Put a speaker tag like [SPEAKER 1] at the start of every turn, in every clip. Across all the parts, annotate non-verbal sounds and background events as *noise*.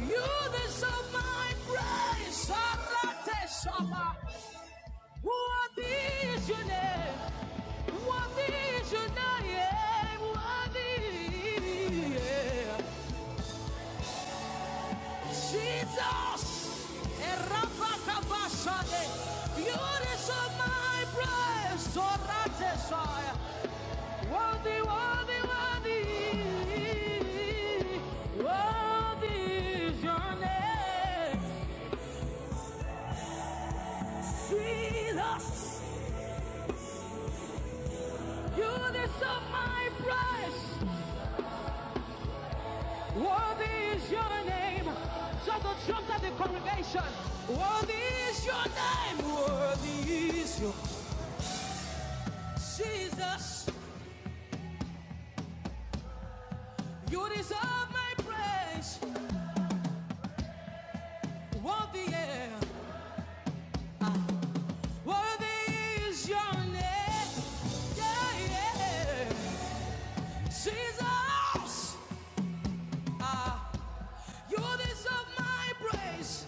[SPEAKER 1] You deserve my praise. Arate Shama. What is your name? What is your name? What is Jesus? Erabakabashade. You deserve my praise. Arate Shama. Worthy, worthy, worthy. What is? is your name. Jesus, you deserve my praise. Worthy is your name. So the drums at the congregation. Worthy is your name. Worthy is your Jesus. You deserve my praise. Worthy, yeah. Worthy is your name. Yeah, yeah. Jesus. Ah. You deserve my praise.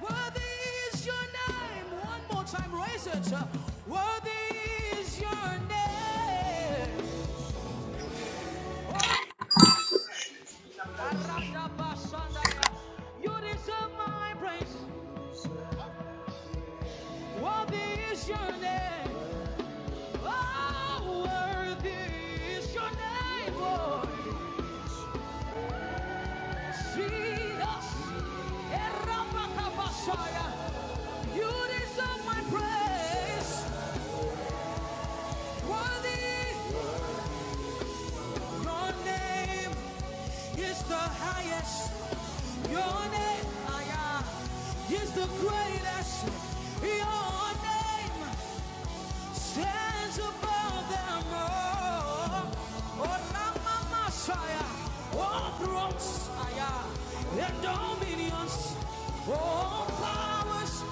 [SPEAKER 1] Worthy is your name. One more time, raise it. up. Worthy is your name. Oh, Aradabashandaya. You deserve my praise. Worthy is your name. Oh, worthy is your name, Lord. Jesus. Erabakabashaya. You deserve my praise. Worthy your name. is the highest. Your name ah, yeah, is the greatest. Your name stands above them all. Oh, Lama Messiah, all thrones ah, yeah, and dominions, all powers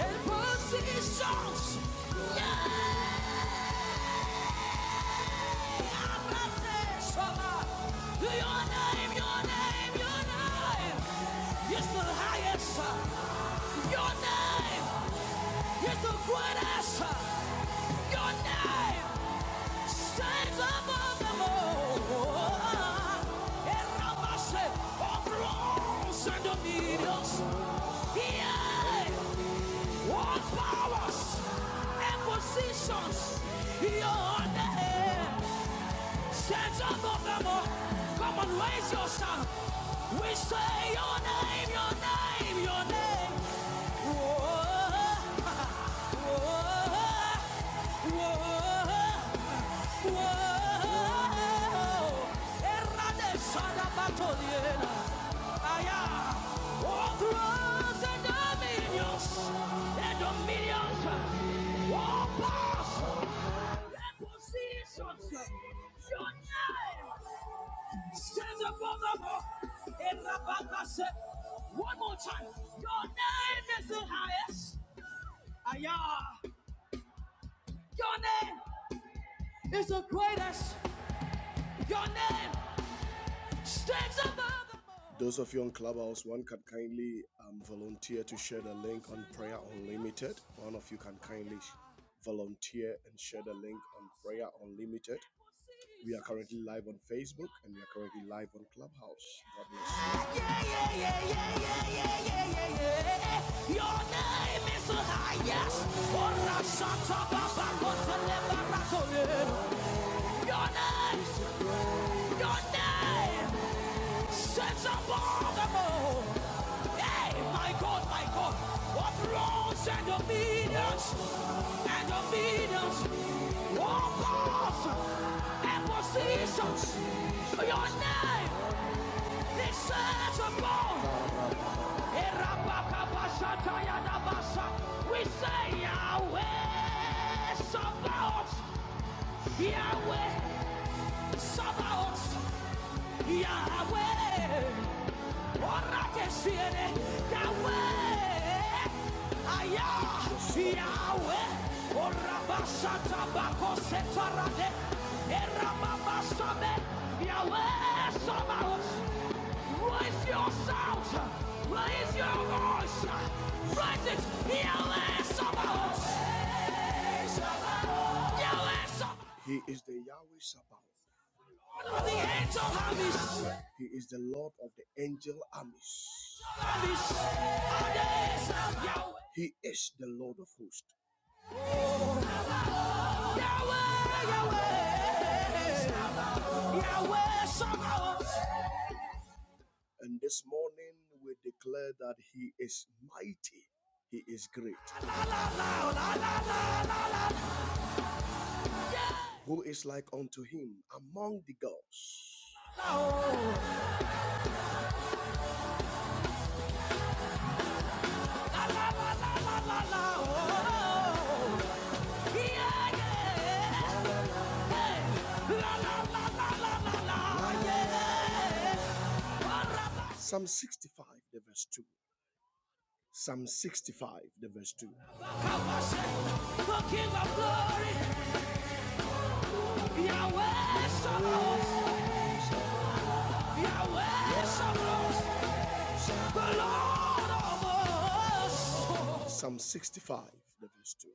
[SPEAKER 1] and positions. Yeah. Your name, your name, your name is the highest. Your name is the greatest. Your name stands above them all. El Rabase, all thrones and dominions. Yea, all powers and positions. Your name. Set up of them all. Come on, raise your sound. We say your name, your name, your name. Whoa, *laughs* whoa, whoa. Whoa, errade sada batoliera. Aya, overthrows and dominions, and dominions, all powers, and positions. Your name stands above them all. Erabaka one more time, your name is the highest. Aya, your name is the greatest. Your name Those of you on Clubhouse, one can kindly um, volunteer to share the link on Prayer Unlimited. One of you can kindly sh- volunteer and share the link on Prayer Unlimited. We are currently live on Facebook and we are currently live on Clubhouse. God bless you. Yeah, yeah, yeah, yeah, yeah, yeah, yeah, yeah, yeah. Your name is the highest. Your name, your name sets above them all. the more. Hey, my God, my God, what rules and dominions and dominions, all powers and positions. Your name is set above. We say Yahweh Sabaoth, Yahweh Sabaoth, Yahweh. Orakesiere, Yahweh, Aya, Yahweh, Orabasata bakosetarade, Erababasabe, Yahweh, Sabaoth. Raise your sound, raise your voice, raise it, Yahweh, Sabaoth. Yahweh, Sabaoth. He is the Yahweh Sabaoth. He is the Lord of the angel armies. He is the Lord of hosts. And this morning we declare that He is mighty, He is great. Who is like unto Him among the gods? oh. oh. Psalm 65, the verse 2. Psalm 65, the verse 2. Psalm 65, the verse 2.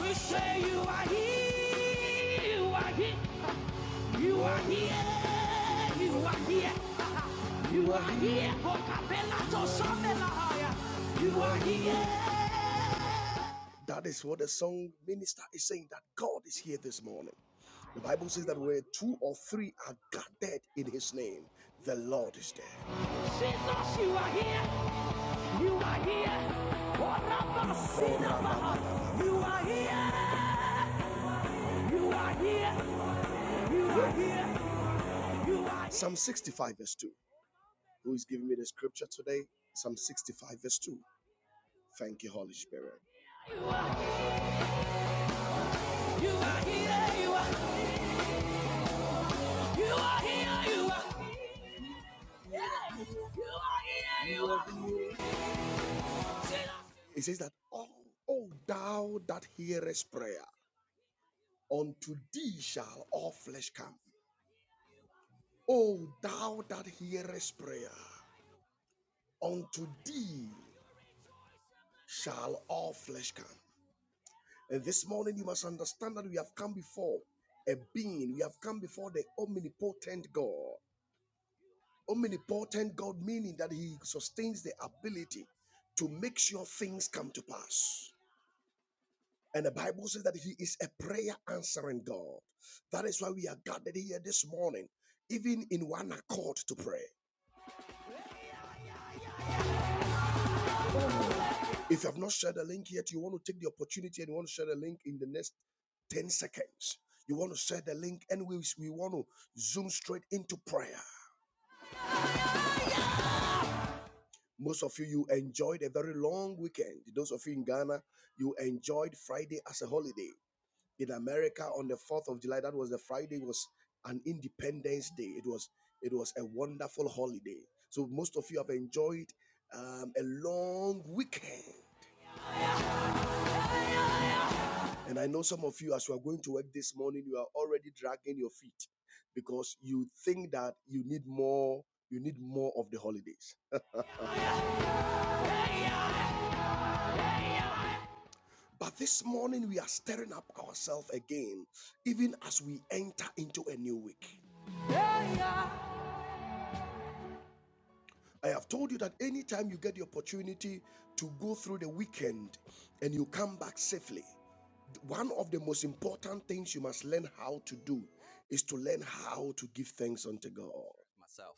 [SPEAKER 1] We say you are here, you are here. You are here, you are here, you are here, You are here. That is what the song minister is saying that God is here this morning. The Bible says that where two or three are gathered in his name, the Lord is there. Jesus, you are here, you are here. You are here, you are here, you are here, you are here. Psalm 65 verse 2. who is giving me the scripture today? Psalm 65, verse 2. Thank you, Holy Spirit. You are, you are here, you are, you are here, you are. Yeah, you are here, you are. It says that, oh, oh, thou that hearest prayer, unto thee shall all flesh come. O thou that hearest prayer, unto thee shall all flesh come. And this morning, you must understand that we have come before a being, we have come before the omnipotent God. Omnipotent God, meaning that He sustains the ability to make sure things come to pass. And the Bible says that He is a prayer answering God. That is why we are gathered here this morning, even in one accord to pray. If you have not shared the link yet, you want to take the opportunity and you want to share the link in the next 10 seconds. You want to share the link, and we, we want to zoom straight into prayer. Most of you, you enjoyed a very long weekend. Those of you in Ghana, you enjoyed Friday as a holiday. In America, on the 4th of July, that was the Friday, was an Independence Day. It was it was a wonderful holiday. So most of you have enjoyed um, a long weekend. And I know some of you, as you are going to work this morning, you are already dragging your feet because you think that you need more, you need more of the holidays But this morning, we are stirring up ourselves again, even as we enter into a new week. I have told you that anytime you get the opportunity to go through the weekend and you come back safely, one of the most important things you must learn how to do is to learn how to give thanks unto God. myself.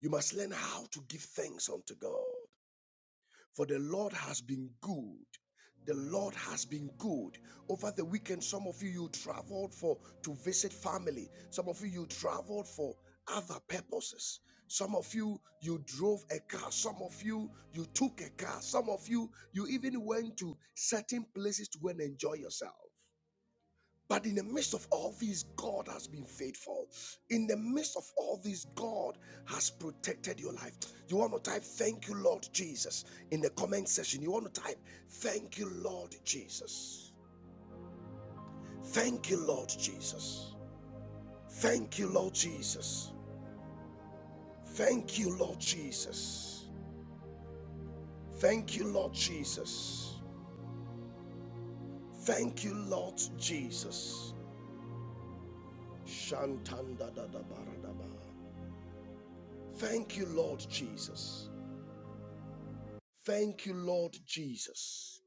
[SPEAKER 1] You must learn how to give thanks unto God. For the Lord has been good. The Lord has been good. Over the weekend, some of you you traveled for to visit family. Some of you you traveled for other purposes. Some of you you drove a car. Some of you you took a car. Some of you you even went to certain places to go and enjoy yourself. But in the midst of all this, God has been faithful. In the midst of all this, God has protected your life. You want to type, Thank you, Lord Jesus, in the comment section. You want to type, Thank you, Lord Jesus. Thank you, Lord Jesus. Thank you, Lord Jesus. Thank you, Lord Jesus. Thank you, Lord Jesus. Thank you, Lord Jesus. Shantanda da da ba da ba. Thank you, Lord Jesus. Thank you, Lord Jesus.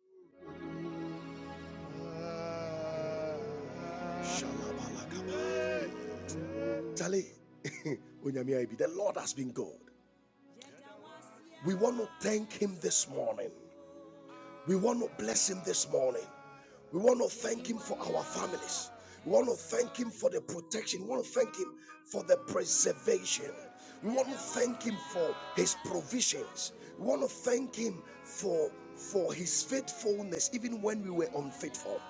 [SPEAKER 1] Shalabalakaba. Charlie, *laughs* the Lord has been good. We want to thank Him this morning. We want to bless him this morning. We want to thank him for our families. We want to thank him for the protection. We want to thank him for the preservation. We want to thank him for his provisions. We want to thank him for for his faithfulness even when we were unfaithful.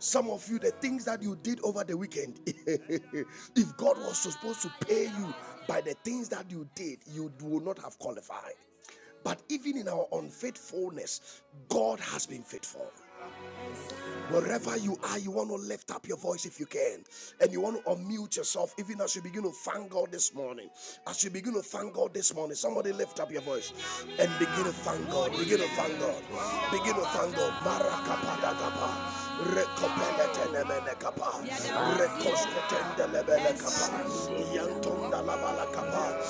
[SPEAKER 1] Some of you, the things that you did over the weekend, *laughs* if God was supposed to pay you by the things that you did, you would not have qualified. But even in our unfaithfulness, God has been faithful. Wherever you are, you want to lift up your voice if you can, and you want to unmute yourself, even as you begin to thank God this morning. As you begin to thank God this morning, somebody lift up your voice and begin to thank God. Begin to thank God.
[SPEAKER 2] Thank
[SPEAKER 1] Begin to
[SPEAKER 2] you,
[SPEAKER 1] thank God.
[SPEAKER 2] Jesus. Thank you,
[SPEAKER 1] Marakapadagapa.
[SPEAKER 2] Jesus. Thank you, Jesus.
[SPEAKER 1] Rekopeletenemenekapa.
[SPEAKER 2] Mandiria Macarena,
[SPEAKER 1] Rekoskotendelebelekapa.
[SPEAKER 2] Sandiria
[SPEAKER 1] Yantondalabalakapa.
[SPEAKER 2] Mandiria,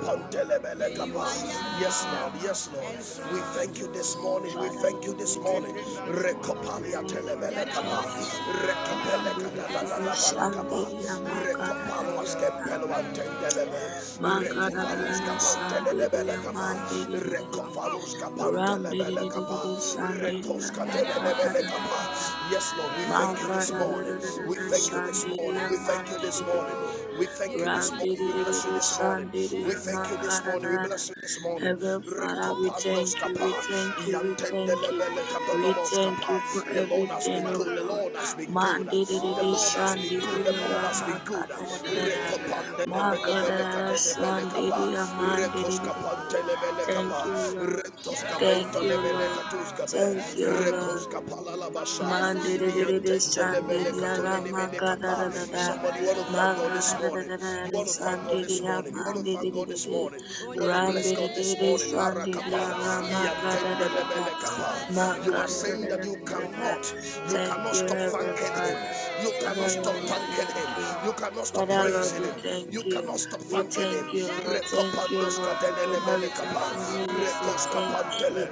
[SPEAKER 2] Randiria,
[SPEAKER 1] Yes,
[SPEAKER 2] Sandiria
[SPEAKER 1] Lord. Yes, Yes, Lord.
[SPEAKER 2] Macarena.
[SPEAKER 1] We thank you this morning. We
[SPEAKER 2] Father,
[SPEAKER 1] thank you
[SPEAKER 2] Lord,
[SPEAKER 1] this
[SPEAKER 2] we
[SPEAKER 1] morning.
[SPEAKER 2] thank you this morning. We
[SPEAKER 1] Recopalia
[SPEAKER 2] thank you. We
[SPEAKER 1] telebelekaba.
[SPEAKER 2] thank you. Mandiria,
[SPEAKER 1] Recapelekadadadabalakaba.
[SPEAKER 2] Sandiria
[SPEAKER 1] Recopaluas
[SPEAKER 2] Macarena.
[SPEAKER 1] tempeluantendelebe. Recovalus
[SPEAKER 2] Magadadadada shandiria
[SPEAKER 1] capantelebelekaba.
[SPEAKER 2] mandididididi.
[SPEAKER 1] Recovalus
[SPEAKER 2] Ram
[SPEAKER 1] capantelebelekaba.
[SPEAKER 2] didididididi shandiria
[SPEAKER 1] Recos
[SPEAKER 2] magadadadadada.
[SPEAKER 1] Yes, Lord. We thank you this morning. We
[SPEAKER 2] Magadadadadada
[SPEAKER 1] thank you this morning.
[SPEAKER 2] shandiria
[SPEAKER 1] We thank you this morning.
[SPEAKER 2] mandididididi.
[SPEAKER 1] We thank you this
[SPEAKER 2] Ram
[SPEAKER 1] morning.
[SPEAKER 2] diddy
[SPEAKER 1] We
[SPEAKER 2] diddy
[SPEAKER 1] bless you
[SPEAKER 2] diddy,
[SPEAKER 1] this morning.
[SPEAKER 2] shan diddy
[SPEAKER 1] We thank
[SPEAKER 2] ama
[SPEAKER 1] you this morning. We
[SPEAKER 2] karara.
[SPEAKER 1] bless you this morning.
[SPEAKER 2] Heavenly Father, we
[SPEAKER 1] Recopandos
[SPEAKER 2] thank you,
[SPEAKER 1] kapa.
[SPEAKER 2] we thank you, we thank you,
[SPEAKER 1] Yantendelebele
[SPEAKER 2] we
[SPEAKER 1] kadonomos
[SPEAKER 2] thank
[SPEAKER 1] kapa.
[SPEAKER 2] you for
[SPEAKER 1] The Lord has been
[SPEAKER 2] everything, oh
[SPEAKER 1] good. The
[SPEAKER 2] Lord.
[SPEAKER 1] Lord has been good.
[SPEAKER 2] Man diddy
[SPEAKER 1] The
[SPEAKER 2] diddy,
[SPEAKER 1] Lord has
[SPEAKER 2] shan
[SPEAKER 1] been good.
[SPEAKER 2] diddy
[SPEAKER 1] The Lord has been
[SPEAKER 2] ama
[SPEAKER 1] good.
[SPEAKER 2] karara. Ma
[SPEAKER 1] Recopandelebele
[SPEAKER 2] karara,
[SPEAKER 1] kadelebele
[SPEAKER 2] shan
[SPEAKER 1] kapa.
[SPEAKER 2] diddy ama diddy diddy.
[SPEAKER 1] Recoskapantelebele
[SPEAKER 2] Thank
[SPEAKER 1] kapa.
[SPEAKER 2] you, Lord.
[SPEAKER 1] Rentos
[SPEAKER 2] Thank
[SPEAKER 1] kapento
[SPEAKER 2] you,
[SPEAKER 1] lebele
[SPEAKER 2] Lord.
[SPEAKER 1] katus kabe.
[SPEAKER 2] Thank you, Lord.
[SPEAKER 1] Recoskapala labasha.
[SPEAKER 2] Mandelelele shandelia rama gada da da da da,
[SPEAKER 1] Somebody want to thank God
[SPEAKER 2] manga
[SPEAKER 1] this
[SPEAKER 2] da da da
[SPEAKER 1] morning.
[SPEAKER 2] da da
[SPEAKER 1] You
[SPEAKER 2] da
[SPEAKER 1] want to thank God this
[SPEAKER 2] shandelia
[SPEAKER 1] morning. You want to thank God this
[SPEAKER 2] mandelelele
[SPEAKER 1] morning. You want to
[SPEAKER 2] ram
[SPEAKER 1] bless God this
[SPEAKER 2] delelele
[SPEAKER 1] morning. Mara kapa.
[SPEAKER 2] shandelia rama gada
[SPEAKER 1] Iyantende
[SPEAKER 2] da da da da
[SPEAKER 1] lebele kapa. You are
[SPEAKER 2] manga da da
[SPEAKER 1] saying
[SPEAKER 2] da
[SPEAKER 1] that
[SPEAKER 2] da
[SPEAKER 1] you
[SPEAKER 2] da da da da.
[SPEAKER 1] cannot, you
[SPEAKER 2] Thank
[SPEAKER 1] cannot
[SPEAKER 2] you,
[SPEAKER 1] stop
[SPEAKER 2] Heavenly
[SPEAKER 1] thanking Him.
[SPEAKER 2] Father.
[SPEAKER 1] You cannot
[SPEAKER 2] Father
[SPEAKER 1] stop
[SPEAKER 2] Lord, we
[SPEAKER 1] thanking
[SPEAKER 2] thank
[SPEAKER 1] Him.
[SPEAKER 2] you.
[SPEAKER 1] You cannot stop
[SPEAKER 2] Father Lord,
[SPEAKER 1] praising
[SPEAKER 2] we
[SPEAKER 1] Him.
[SPEAKER 2] thank
[SPEAKER 1] You
[SPEAKER 2] you.
[SPEAKER 1] cannot stop
[SPEAKER 2] We
[SPEAKER 1] thanking Him
[SPEAKER 2] thank you, Lord. Thank you, Lord. Together with my family, we say thank you.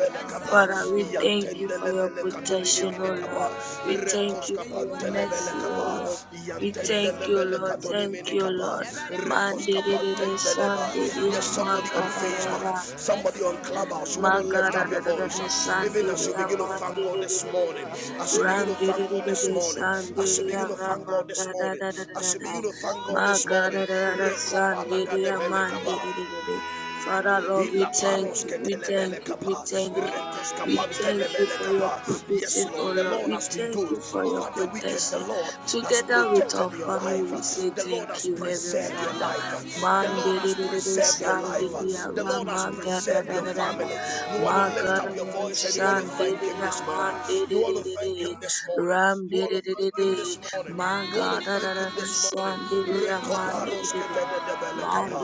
[SPEAKER 2] Father,
[SPEAKER 1] kapa
[SPEAKER 2] we thank you for your
[SPEAKER 1] yantendelebele
[SPEAKER 2] protection, O
[SPEAKER 1] katunilimini
[SPEAKER 2] Lord.
[SPEAKER 1] kapa
[SPEAKER 2] We thank
[SPEAKER 1] rekos
[SPEAKER 2] you for your
[SPEAKER 1] kapantelebele
[SPEAKER 2] mercy, O
[SPEAKER 1] kapa
[SPEAKER 2] Lord. We thank you,
[SPEAKER 1] yantendelebele
[SPEAKER 2] Lord. Thank
[SPEAKER 1] katunimini
[SPEAKER 2] you,
[SPEAKER 1] kapa
[SPEAKER 2] Lord. Mande
[SPEAKER 1] rekos
[SPEAKER 2] de de de
[SPEAKER 1] kapantendeleba
[SPEAKER 2] shande de
[SPEAKER 1] yes somebody on Facebook
[SPEAKER 2] de,
[SPEAKER 1] somebody on Clubhouse you want
[SPEAKER 2] my
[SPEAKER 1] to lift
[SPEAKER 2] God, ah,
[SPEAKER 1] up
[SPEAKER 2] da,
[SPEAKER 1] your
[SPEAKER 2] da, da, da,
[SPEAKER 1] voice even as
[SPEAKER 2] Shandiri,
[SPEAKER 1] you begin to
[SPEAKER 2] Ama,
[SPEAKER 1] thank God
[SPEAKER 2] Diri, Diri,
[SPEAKER 1] this
[SPEAKER 2] Diri,
[SPEAKER 1] morning
[SPEAKER 2] Diri.
[SPEAKER 1] as you begin to
[SPEAKER 2] Ram, Diri,
[SPEAKER 1] thank
[SPEAKER 2] Diri,
[SPEAKER 1] God this
[SPEAKER 2] Diri,
[SPEAKER 1] morning as you
[SPEAKER 2] Shandiri,
[SPEAKER 1] begin to
[SPEAKER 2] Ama,
[SPEAKER 1] thank God this
[SPEAKER 2] God, ah,
[SPEAKER 1] morning
[SPEAKER 2] da, da, da,
[SPEAKER 1] as
[SPEAKER 2] da,
[SPEAKER 1] you
[SPEAKER 2] da.
[SPEAKER 1] begin to thank God
[SPEAKER 2] My
[SPEAKER 1] this
[SPEAKER 2] God, ah,
[SPEAKER 1] morning
[SPEAKER 2] da, da, da, Shandiri,
[SPEAKER 1] rekopalagadebele
[SPEAKER 2] Ama,
[SPEAKER 1] kapa
[SPEAKER 2] Diri, Diri, Diri. Father, Lord, we
[SPEAKER 1] Ila
[SPEAKER 2] thank
[SPEAKER 1] paros
[SPEAKER 2] you, we thank
[SPEAKER 1] ketelebele
[SPEAKER 2] you, we
[SPEAKER 1] kapa.
[SPEAKER 2] thank you,
[SPEAKER 1] Rekos
[SPEAKER 2] we thank you
[SPEAKER 1] kapantelebele
[SPEAKER 2] for your
[SPEAKER 1] kapa. Yes,
[SPEAKER 2] provision, O
[SPEAKER 1] Lord, the
[SPEAKER 2] Lord,
[SPEAKER 1] Lord
[SPEAKER 2] we
[SPEAKER 1] has been
[SPEAKER 2] thank
[SPEAKER 1] good.
[SPEAKER 2] you for your
[SPEAKER 1] Over the weekend, the
[SPEAKER 2] protection.
[SPEAKER 1] Lord has
[SPEAKER 2] Together with
[SPEAKER 1] protected
[SPEAKER 2] our
[SPEAKER 1] your
[SPEAKER 2] family,
[SPEAKER 1] life.
[SPEAKER 2] we say
[SPEAKER 1] The Lord
[SPEAKER 2] thank
[SPEAKER 1] has
[SPEAKER 2] you, Heavenly
[SPEAKER 1] preserved your
[SPEAKER 2] Father.
[SPEAKER 1] life. The
[SPEAKER 2] Man,
[SPEAKER 1] Lord
[SPEAKER 2] de de
[SPEAKER 1] has
[SPEAKER 2] de de de,
[SPEAKER 1] preserved your life.
[SPEAKER 2] Shandiri, Ama,
[SPEAKER 1] The
[SPEAKER 2] God, ah, rah,
[SPEAKER 1] Lord has
[SPEAKER 2] ma, ga, da,
[SPEAKER 1] preserved
[SPEAKER 2] da,
[SPEAKER 1] your
[SPEAKER 2] da, da, da.
[SPEAKER 1] family. You want to lift up your
[SPEAKER 2] Magarere
[SPEAKER 1] voice and you want to thank
[SPEAKER 2] shandere
[SPEAKER 1] Him this morning. You want
[SPEAKER 2] amanderere
[SPEAKER 1] to thank Him him this morning. You want to thank
[SPEAKER 2] ramderere
[SPEAKER 1] him this morning. You want to thank him
[SPEAKER 2] magarere
[SPEAKER 1] this morning.
[SPEAKER 2] shandere
[SPEAKER 1] Recoparoske
[SPEAKER 2] amanderere
[SPEAKER 1] de de de bele kapa.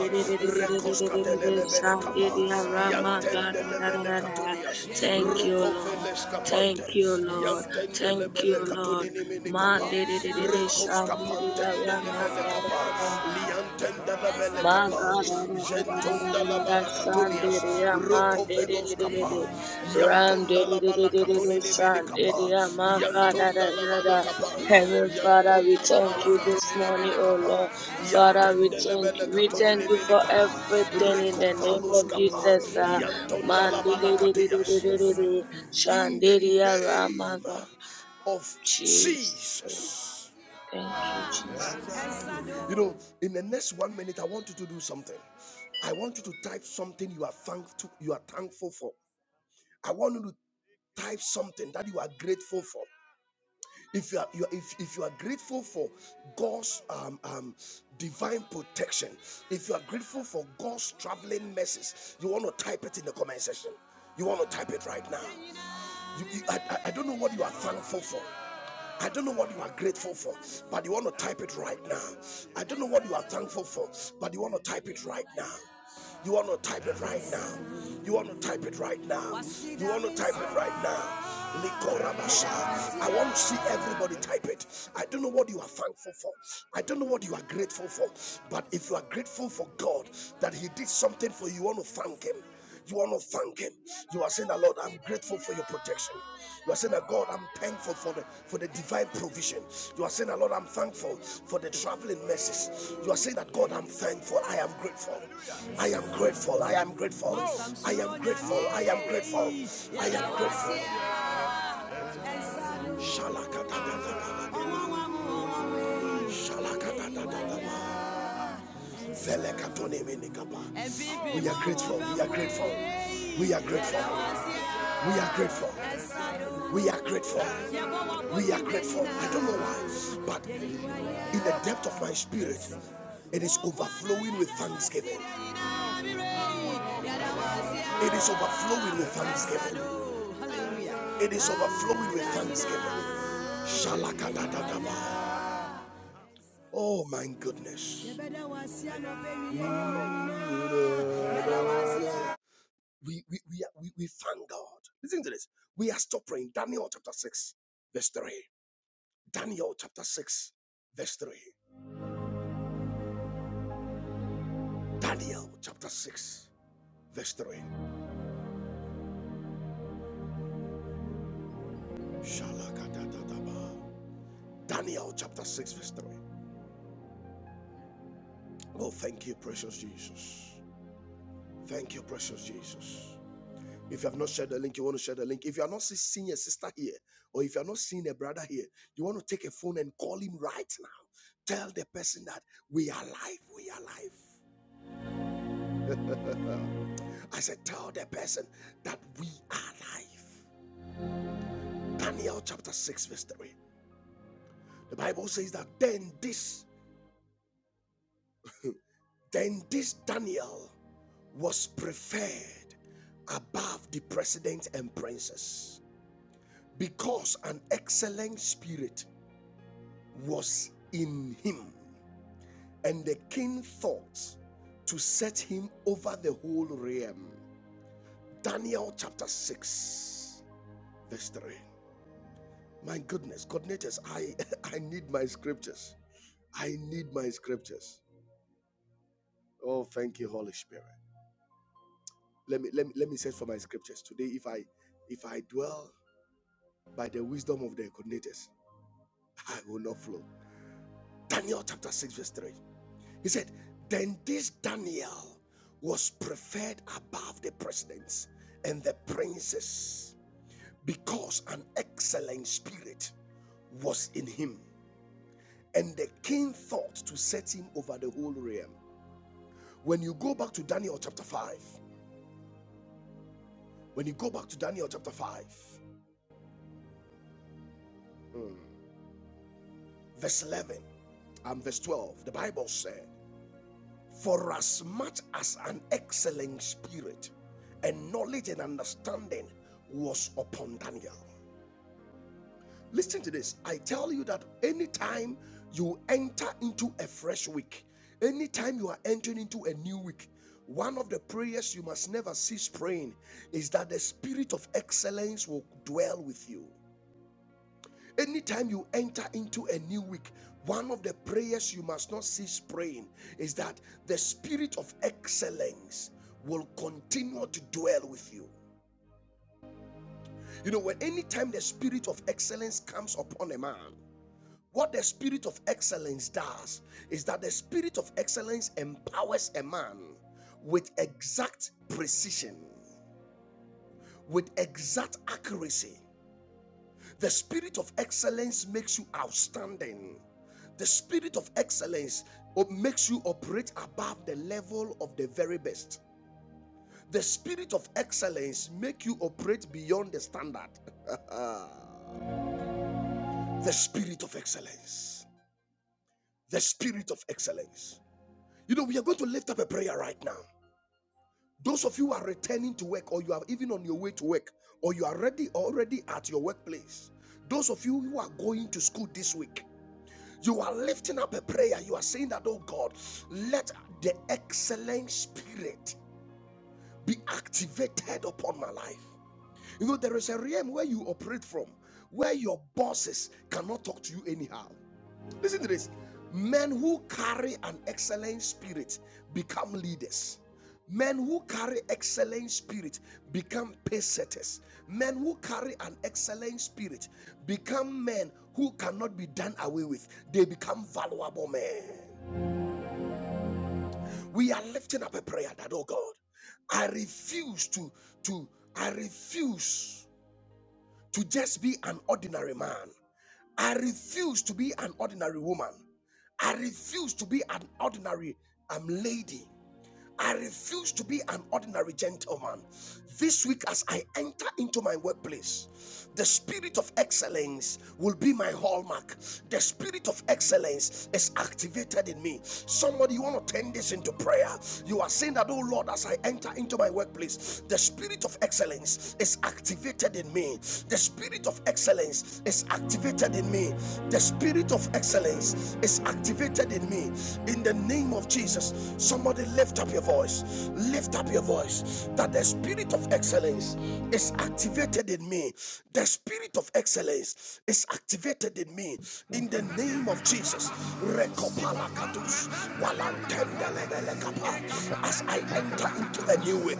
[SPEAKER 1] Recoska de le le bele kapa.
[SPEAKER 2] shandere
[SPEAKER 1] Yantende le bele
[SPEAKER 2] ramagarere.
[SPEAKER 1] katunias.
[SPEAKER 2] Thank you, Lord.
[SPEAKER 1] Rokofeles
[SPEAKER 2] Thank
[SPEAKER 1] kapante.
[SPEAKER 2] you, Lord.
[SPEAKER 1] Yantende le
[SPEAKER 2] Thank you,
[SPEAKER 1] bele
[SPEAKER 2] Lord.
[SPEAKER 1] katunini mini kapa.
[SPEAKER 2] Manderere
[SPEAKER 1] Recoska
[SPEAKER 2] shandere
[SPEAKER 1] pante de le bele kapa.
[SPEAKER 2] ramagarere.
[SPEAKER 1] Liantende Dababele
[SPEAKER 2] My
[SPEAKER 1] kapa,
[SPEAKER 2] God, da, da, da, da, da, da, da,
[SPEAKER 1] jentonda la
[SPEAKER 2] da, da,
[SPEAKER 1] bala
[SPEAKER 2] shan, di, di,
[SPEAKER 1] katunias,
[SPEAKER 2] ya, man, di, di, di, di, di,
[SPEAKER 1] kapa,
[SPEAKER 2] di. Ram, di,
[SPEAKER 1] yantonda
[SPEAKER 2] di,
[SPEAKER 1] la
[SPEAKER 2] di, di,
[SPEAKER 1] bala
[SPEAKER 2] di, di, di,
[SPEAKER 1] nevele
[SPEAKER 2] shan, di, di,
[SPEAKER 1] kapa,
[SPEAKER 2] ya, man, God, da,
[SPEAKER 1] yantonda
[SPEAKER 2] da,
[SPEAKER 1] la
[SPEAKER 2] da,
[SPEAKER 1] bala
[SPEAKER 2] da. Heavenly Father, we
[SPEAKER 1] yantonda la
[SPEAKER 2] thank
[SPEAKER 1] bala
[SPEAKER 2] you this morning,
[SPEAKER 1] nevele
[SPEAKER 2] O
[SPEAKER 1] kapa,
[SPEAKER 2] Lord. Father, we
[SPEAKER 1] yantende la
[SPEAKER 2] thank you. We
[SPEAKER 1] katuni
[SPEAKER 2] thank you
[SPEAKER 1] nevele
[SPEAKER 2] for
[SPEAKER 1] kapa,
[SPEAKER 2] everything in
[SPEAKER 1] reko
[SPEAKER 2] the name of
[SPEAKER 1] kapa,
[SPEAKER 2] Jesus. ah.
[SPEAKER 1] yantonda
[SPEAKER 2] Man,
[SPEAKER 1] la
[SPEAKER 2] di,
[SPEAKER 1] bala
[SPEAKER 2] di, di, di, di, di, di, di, di. shan,
[SPEAKER 1] In the
[SPEAKER 2] di, di, ya, ra, man,
[SPEAKER 1] name
[SPEAKER 2] God.
[SPEAKER 1] of
[SPEAKER 2] Jesus.
[SPEAKER 1] Jesus.
[SPEAKER 2] Thank you, Jesus.
[SPEAKER 1] You know, in the next one minute, I want you to do something. I want you to type something you are thankful you are thankful for. I want you to type something that you are grateful for. If you are, you are if, if you are grateful for God's um, um, divine protection, if you are grateful for God's traveling mercies, you want to type it in the comment section. You want to type it right now. You, you- I, I I don't know what you are thankful for. I don't know what you are grateful for, but you want to type it right now. I don't know what you are thankful for, but you want to type it right now. You want to type it right now. You want to type it right now. You want to type it right now. Likorabasha. I want to see everybody type it. I don't know what you are thankful for. I don't know what you are grateful for. But if you are grateful for God that He did something for you, you want to thank Him. You want to thank Him. You are saying that, Lord, I'm grateful for your protection. You are saying that, God, I'm thankful for the for the divine provision. You are saying that, Lord, I'm thankful for the traveling mercies. You are saying that, God, I'm thankful. I am grateful. I am grateful. I am grateful. I am grateful. I am grateful. I am grateful. Shalakatadadadadada. Shalakatadadadada. Velekatonemenekaba. We are grateful. We are grateful. We are grateful. We are grateful. We are grateful. We are grateful. I don't know why, but in the depth of my spirit, it is overflowing with thanksgiving. It is overflowing with thanksgiving. It is overflowing with thanksgiving. Shalakadadadaba. Oh my goodness. We we we, are, we we thank God. Listen to this. We are still praying. Daniel chapter 6, verse 3. Daniel chapter 6, verse 3. Daniel chapter 6, verse 3. Daniel chapter 6, verse 3. Oh, thank you, precious Jesus. Thank you, precious Jesus. If you have not shared the link, you want to share the link. If you are not seeing a sister here, or if you are not seeing a brother here, you want to take a phone and call him right now. Tell the person that we are alive. We are alive. I said, tell the person that we are alive. Daniel chapter 6, verse 3. The Bible says that then this Then this Daniel was preferred above the presidents and princes because an excellent spirit was in him, and the king thought to set him over the whole realm. Daniel chapter 6, verse 3. My goodness, coordinators, I, *laughs* I need my scriptures. I need my scriptures. Oh, thank you, Holy Spirit. Let me let me let me search for my scriptures. Today, if I if I dwell by the wisdom of the coordinators, I will not flow. Daniel chapter 6, verse 3. He said, Then this Daniel was preferred above the presidents and the princes because an excellent spirit was in him. And the king thought to set him over the whole realm. When you go back to Daniel chapter 5, when you go back to Daniel chapter 5, hmm, verse 11 and verse 12, the Bible said. For as much as an excellent spirit and knowledge and understanding was upon Daniel. Listen to this. I tell you that anytime you enter into a fresh week, anytime you are entering into a new week, one of the prayers you must never cease praying is that the spirit of excellence will dwell with you. Anytime you enter into a new week, one of the prayers you must not cease praying is that the spirit of excellence will continue to dwell with you. You know, when anytime the spirit of excellence comes upon a man, what the spirit of excellence does is that the spirit of excellence empowers a man with exact precision, with exact accuracy The spirit of excellence makes you outstanding. The spirit of excellence uh, makes you operate above the level of the very best. The spirit of excellence makes you operate beyond the standard. *laughs* the spirit of excellence. The spirit of excellence. You know, we are going to lift up a prayer right now. Those of you who are returning to work, or you are even on your way to work, or you are already already at your workplace. Those of you who are going to school this week, You are lifting up a prayer. You are saying that, oh God, let the excellent spirit be activated upon my life. You know, there is a realm where you operate from, where your bosses cannot talk to you anyhow. Listen to this. Men who carry an excellent spirit become leaders. Men who carry excellent spirit become pace setters. Men who carry an excellent spirit become men who cannot be done away with. They become valuable men. We are lifting up a prayer that, oh God, I refuse to, to, I refuse to just be an ordinary man. I refuse to be an ordinary woman. I refuse to be an ordinary um, lady. I refuse to be an ordinary gentleman. This week, as I enter into my workplace, the spirit of excellence will be my hallmark. The spirit of excellence is activated in me. Somebody, you want to turn this into prayer. You are saying that, oh Lord, as I enter into my workplace, the spirit of excellence is activated in me. The spirit of excellence is activated in me. The spirit of excellence is activated in me. In the name of Jesus, somebody lift up your voice. Lift up your voice that the spirit of excellence is is activated in me. The spirit of excellence is activated in me
[SPEAKER 3] Thank
[SPEAKER 1] in the
[SPEAKER 3] you.
[SPEAKER 1] name of Jesus. As I enter into a new week,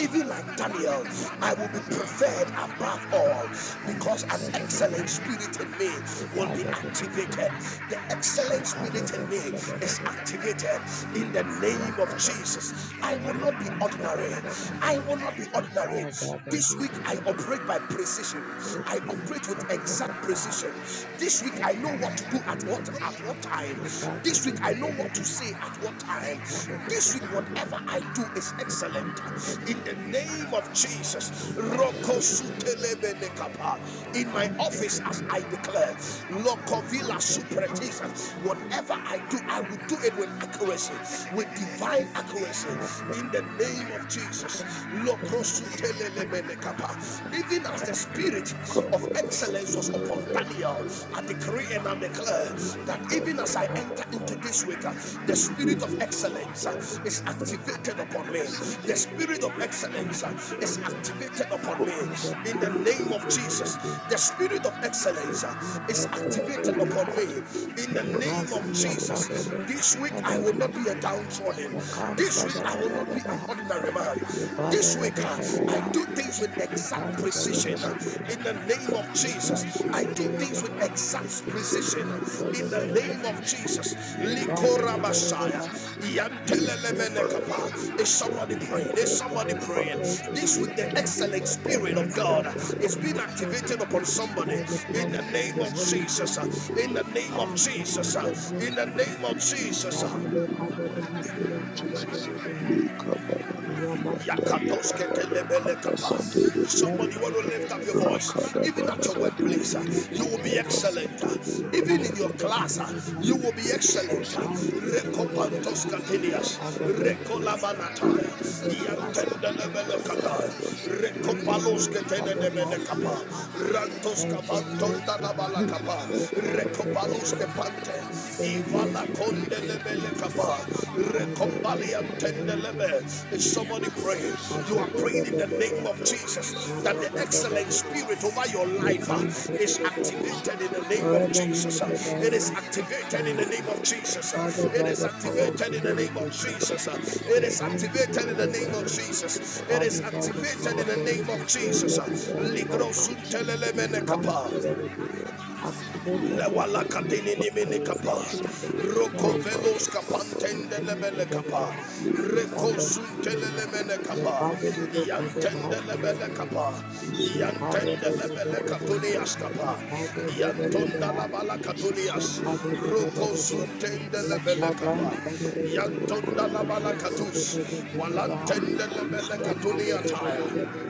[SPEAKER 1] even like Daniel, I will be preferred above all because an excellent spirit in me will be activated. The excellent spirit in me is activated in the name of Jesus. I will not be ordinary. I will not be not be ordinary. This week I operate by precision. I operate with exact precision. This week I know what to do at what at what time. This week I know what to say at what time. This week whatever I do is excellent. In the name of Jesus.
[SPEAKER 3] Thank you.
[SPEAKER 1] Rokosutelebelekapa. In my office as I declare. Lokovila supretisa. Whatever I do, I will do it with accuracy, with divine accuracy. In the name name of Jesus. Loprosutelelemenekapa. Even as the spirit
[SPEAKER 4] Thank
[SPEAKER 1] of
[SPEAKER 4] you.
[SPEAKER 1] excellence was upon Daniel, I decree and I declare that even as I enter into this week, uh, the spirit of excellence uh, is activated upon me. The spirit of excellence uh, is activated upon me.
[SPEAKER 3] May the
[SPEAKER 1] In the
[SPEAKER 3] honor of
[SPEAKER 1] name of
[SPEAKER 3] the Lord
[SPEAKER 1] Jesus, the
[SPEAKER 3] Jesus.
[SPEAKER 1] spirit of
[SPEAKER 3] So,
[SPEAKER 1] excellence uh,
[SPEAKER 3] my
[SPEAKER 1] is
[SPEAKER 3] brother, the
[SPEAKER 1] activated
[SPEAKER 3] brother,
[SPEAKER 1] upon
[SPEAKER 3] how?
[SPEAKER 1] me. In the
[SPEAKER 3] The
[SPEAKER 1] name
[SPEAKER 3] boss,
[SPEAKER 1] of
[SPEAKER 3] he attended
[SPEAKER 1] Jesus,
[SPEAKER 3] the
[SPEAKER 1] this week I will
[SPEAKER 3] academy.
[SPEAKER 1] not be a downtrodden.
[SPEAKER 3] So, come,
[SPEAKER 1] This
[SPEAKER 3] da
[SPEAKER 1] week
[SPEAKER 3] da
[SPEAKER 1] I
[SPEAKER 3] da
[SPEAKER 1] will
[SPEAKER 3] da
[SPEAKER 1] not
[SPEAKER 3] da,
[SPEAKER 1] be an
[SPEAKER 3] bah.
[SPEAKER 1] ordinary man.
[SPEAKER 3] The brother,
[SPEAKER 1] This
[SPEAKER 3] da
[SPEAKER 1] week
[SPEAKER 3] da
[SPEAKER 1] uh,
[SPEAKER 3] da
[SPEAKER 1] I
[SPEAKER 3] da,
[SPEAKER 1] do things with
[SPEAKER 3] She
[SPEAKER 1] exact
[SPEAKER 3] comes to the
[SPEAKER 1] precision
[SPEAKER 3] river.
[SPEAKER 1] in the name of
[SPEAKER 3] You come
[SPEAKER 1] Jesus.
[SPEAKER 3] to
[SPEAKER 1] I
[SPEAKER 3] the
[SPEAKER 1] do things with
[SPEAKER 3] river.
[SPEAKER 1] exact
[SPEAKER 3] She
[SPEAKER 1] precision
[SPEAKER 3] comes to the
[SPEAKER 1] in
[SPEAKER 4] Lord,
[SPEAKER 1] the name of
[SPEAKER 3] river.
[SPEAKER 4] restored
[SPEAKER 1] Jesus.
[SPEAKER 4] of me
[SPEAKER 3] You
[SPEAKER 4] in
[SPEAKER 3] come
[SPEAKER 4] the
[SPEAKER 3] to
[SPEAKER 1] Likora
[SPEAKER 4] name of
[SPEAKER 3] the
[SPEAKER 1] Messiah.
[SPEAKER 3] river.
[SPEAKER 4] Jesus. In
[SPEAKER 3] She comes to the
[SPEAKER 1] Yantelelemenekapa. Is
[SPEAKER 3] river.
[SPEAKER 1] somebody
[SPEAKER 3] I
[SPEAKER 1] praying? Is
[SPEAKER 3] pray for
[SPEAKER 1] somebody
[SPEAKER 3] the
[SPEAKER 1] praying?
[SPEAKER 3] spirit of
[SPEAKER 1] This week the
[SPEAKER 3] wisdom
[SPEAKER 1] excellent
[SPEAKER 3] for
[SPEAKER 1] spirit of God
[SPEAKER 3] myself and for
[SPEAKER 1] is being
[SPEAKER 3] my children
[SPEAKER 1] activated upon
[SPEAKER 4] the spirit
[SPEAKER 1] somebody
[SPEAKER 3] by the
[SPEAKER 4] of
[SPEAKER 3] power
[SPEAKER 1] in the
[SPEAKER 4] Jesus, in
[SPEAKER 3] of
[SPEAKER 1] name
[SPEAKER 4] the
[SPEAKER 3] the
[SPEAKER 1] of
[SPEAKER 3] Holy
[SPEAKER 4] spirit
[SPEAKER 1] Jesus.
[SPEAKER 3] Ghost.
[SPEAKER 4] of God,
[SPEAKER 1] In the name of
[SPEAKER 3] Power for
[SPEAKER 4] O
[SPEAKER 3] my
[SPEAKER 1] Jesus.
[SPEAKER 4] Lord,
[SPEAKER 1] In the
[SPEAKER 3] generation.
[SPEAKER 1] name
[SPEAKER 4] to
[SPEAKER 1] of
[SPEAKER 4] be
[SPEAKER 1] Jesus.
[SPEAKER 4] upon
[SPEAKER 3] Shabida
[SPEAKER 4] me
[SPEAKER 3] the
[SPEAKER 4] in the
[SPEAKER 3] Kabe the
[SPEAKER 4] mighty name
[SPEAKER 3] hasiya
[SPEAKER 4] of
[SPEAKER 3] Kabe
[SPEAKER 4] Jesus.
[SPEAKER 3] the Ribeha,
[SPEAKER 4] Le kabarada
[SPEAKER 3] Yabaka
[SPEAKER 4] dianda
[SPEAKER 3] the
[SPEAKER 4] le
[SPEAKER 3] Ribeha,
[SPEAKER 4] babara kabasande
[SPEAKER 3] She
[SPEAKER 4] le
[SPEAKER 3] comes
[SPEAKER 1] Somebody want
[SPEAKER 3] to
[SPEAKER 1] to
[SPEAKER 4] bedianda
[SPEAKER 3] the
[SPEAKER 1] lift up your
[SPEAKER 3] vida.
[SPEAKER 1] voice,
[SPEAKER 4] rakada
[SPEAKER 1] even at your
[SPEAKER 3] She
[SPEAKER 4] barada
[SPEAKER 3] comes to
[SPEAKER 1] workplace, uh,
[SPEAKER 4] diende
[SPEAKER 3] the
[SPEAKER 1] you
[SPEAKER 4] le
[SPEAKER 1] will be
[SPEAKER 3] kadada.
[SPEAKER 1] excellent. uh,
[SPEAKER 4] kabasande le
[SPEAKER 3] at
[SPEAKER 1] Even in your
[SPEAKER 4] babara
[SPEAKER 3] the
[SPEAKER 4] baba
[SPEAKER 1] class, uh,
[SPEAKER 4] le
[SPEAKER 1] you will be
[SPEAKER 4] korobo
[SPEAKER 1] excellent. uh.
[SPEAKER 4] sande le
[SPEAKER 1] Rekopantos
[SPEAKER 4] bebere
[SPEAKER 1] katinias,
[SPEAKER 4] dianda le
[SPEAKER 3] workplace, uh,
[SPEAKER 1] rekolabanataya,
[SPEAKER 4] bebere
[SPEAKER 3] in the class
[SPEAKER 4] dianda
[SPEAKER 3] of
[SPEAKER 4] le
[SPEAKER 3] my
[SPEAKER 1] yantendelebele
[SPEAKER 4] kabara
[SPEAKER 1] kata,
[SPEAKER 3] children.
[SPEAKER 4] basande le
[SPEAKER 3] Father, Lord,
[SPEAKER 4] bebere
[SPEAKER 3] Father, last
[SPEAKER 4] dianda
[SPEAKER 3] letter
[SPEAKER 4] le
[SPEAKER 1] rantos
[SPEAKER 3] by
[SPEAKER 1] kavanton
[SPEAKER 3] generation.
[SPEAKER 1] dadabala kapa,
[SPEAKER 3] So,
[SPEAKER 4] kabara
[SPEAKER 3] Father, the
[SPEAKER 4] baba
[SPEAKER 3] the-
[SPEAKER 1] rekopalus
[SPEAKER 3] the
[SPEAKER 4] baba
[SPEAKER 1] kepante,
[SPEAKER 3] intelligence to be great function by the power of the Holy Ghost.
[SPEAKER 1] is somebody praying? You
[SPEAKER 3] Father,
[SPEAKER 1] are
[SPEAKER 3] the the
[SPEAKER 1] praying in
[SPEAKER 3] the
[SPEAKER 1] the
[SPEAKER 3] the
[SPEAKER 1] name
[SPEAKER 3] the
[SPEAKER 1] of Jesus that
[SPEAKER 3] Shaka
[SPEAKER 1] the
[SPEAKER 3] da da da da
[SPEAKER 1] excellent
[SPEAKER 3] da.
[SPEAKER 1] spirit over your
[SPEAKER 3] You
[SPEAKER 1] life
[SPEAKER 3] can't da
[SPEAKER 1] uh,
[SPEAKER 3] da
[SPEAKER 1] is
[SPEAKER 3] da da da.
[SPEAKER 1] activated in the name of
[SPEAKER 3] Forever know
[SPEAKER 1] Jesus. uh.
[SPEAKER 3] that I
[SPEAKER 1] It is
[SPEAKER 3] lack
[SPEAKER 1] activated in the
[SPEAKER 3] excellence.
[SPEAKER 1] name of Jesus.
[SPEAKER 3] Father,
[SPEAKER 1] uh. It
[SPEAKER 3] by
[SPEAKER 1] is
[SPEAKER 3] the power of
[SPEAKER 1] activated
[SPEAKER 3] the
[SPEAKER 1] in the
[SPEAKER 3] Holy
[SPEAKER 1] name of
[SPEAKER 3] Ghost, uh,
[SPEAKER 1] Jesus. uh. It
[SPEAKER 3] So
[SPEAKER 1] is
[SPEAKER 3] come to
[SPEAKER 1] activated
[SPEAKER 3] the
[SPEAKER 1] in the name
[SPEAKER 3] devil.
[SPEAKER 1] of
[SPEAKER 3] uh,
[SPEAKER 1] Jesus. It is
[SPEAKER 3] Father, by the
[SPEAKER 1] activated
[SPEAKER 3] power
[SPEAKER 1] in
[SPEAKER 3] of
[SPEAKER 1] the
[SPEAKER 3] the Holy
[SPEAKER 1] name of
[SPEAKER 3] Ghost, let
[SPEAKER 1] Jesus.
[SPEAKER 3] there
[SPEAKER 1] uh.
[SPEAKER 3] be a
[SPEAKER 1] Ligro
[SPEAKER 3] revival.
[SPEAKER 1] suntelele
[SPEAKER 3] We come
[SPEAKER 1] menekapa.
[SPEAKER 3] for the revival. Activate every
[SPEAKER 1] Lewala
[SPEAKER 3] captain of
[SPEAKER 1] katini ni mini
[SPEAKER 3] excellence, of
[SPEAKER 1] kapa.
[SPEAKER 3] wisdom,
[SPEAKER 4] Sunday,
[SPEAKER 3] of
[SPEAKER 1] Roko
[SPEAKER 4] Baba,
[SPEAKER 3] knowledge.
[SPEAKER 1] velos
[SPEAKER 4] Baba,
[SPEAKER 1] kapantende
[SPEAKER 3] Satan,
[SPEAKER 1] lebele kapa.
[SPEAKER 4] Thank you.
[SPEAKER 3] with
[SPEAKER 1] Reko suntele
[SPEAKER 3] understanding,
[SPEAKER 1] lemene
[SPEAKER 3] your
[SPEAKER 1] kapa.
[SPEAKER 3] Father is a good
[SPEAKER 1] Yantende lebele
[SPEAKER 3] basilica.
[SPEAKER 1] kapa.
[SPEAKER 3] You should cut the
[SPEAKER 1] Yantende
[SPEAKER 3] bada bada
[SPEAKER 1] lebele
[SPEAKER 3] bada.
[SPEAKER 1] katunias
[SPEAKER 3] You
[SPEAKER 1] kapa.
[SPEAKER 3] cut the bada
[SPEAKER 1] Yantonda
[SPEAKER 3] bada.
[SPEAKER 1] labala
[SPEAKER 3] You should
[SPEAKER 1] katunias.
[SPEAKER 3] cut the bada
[SPEAKER 1] Roko
[SPEAKER 3] bada bada.
[SPEAKER 1] suntende
[SPEAKER 3] Your
[SPEAKER 1] lebele kapa.
[SPEAKER 3] children, bada bada bada.
[SPEAKER 1] Yantonda labala
[SPEAKER 3] You cut the
[SPEAKER 1] katus.
[SPEAKER 3] bada bada bada.
[SPEAKER 1] Walantende
[SPEAKER 3] You
[SPEAKER 1] lebele
[SPEAKER 3] should cut the bada bada
[SPEAKER 1] katuniataya.
[SPEAKER 3] bada.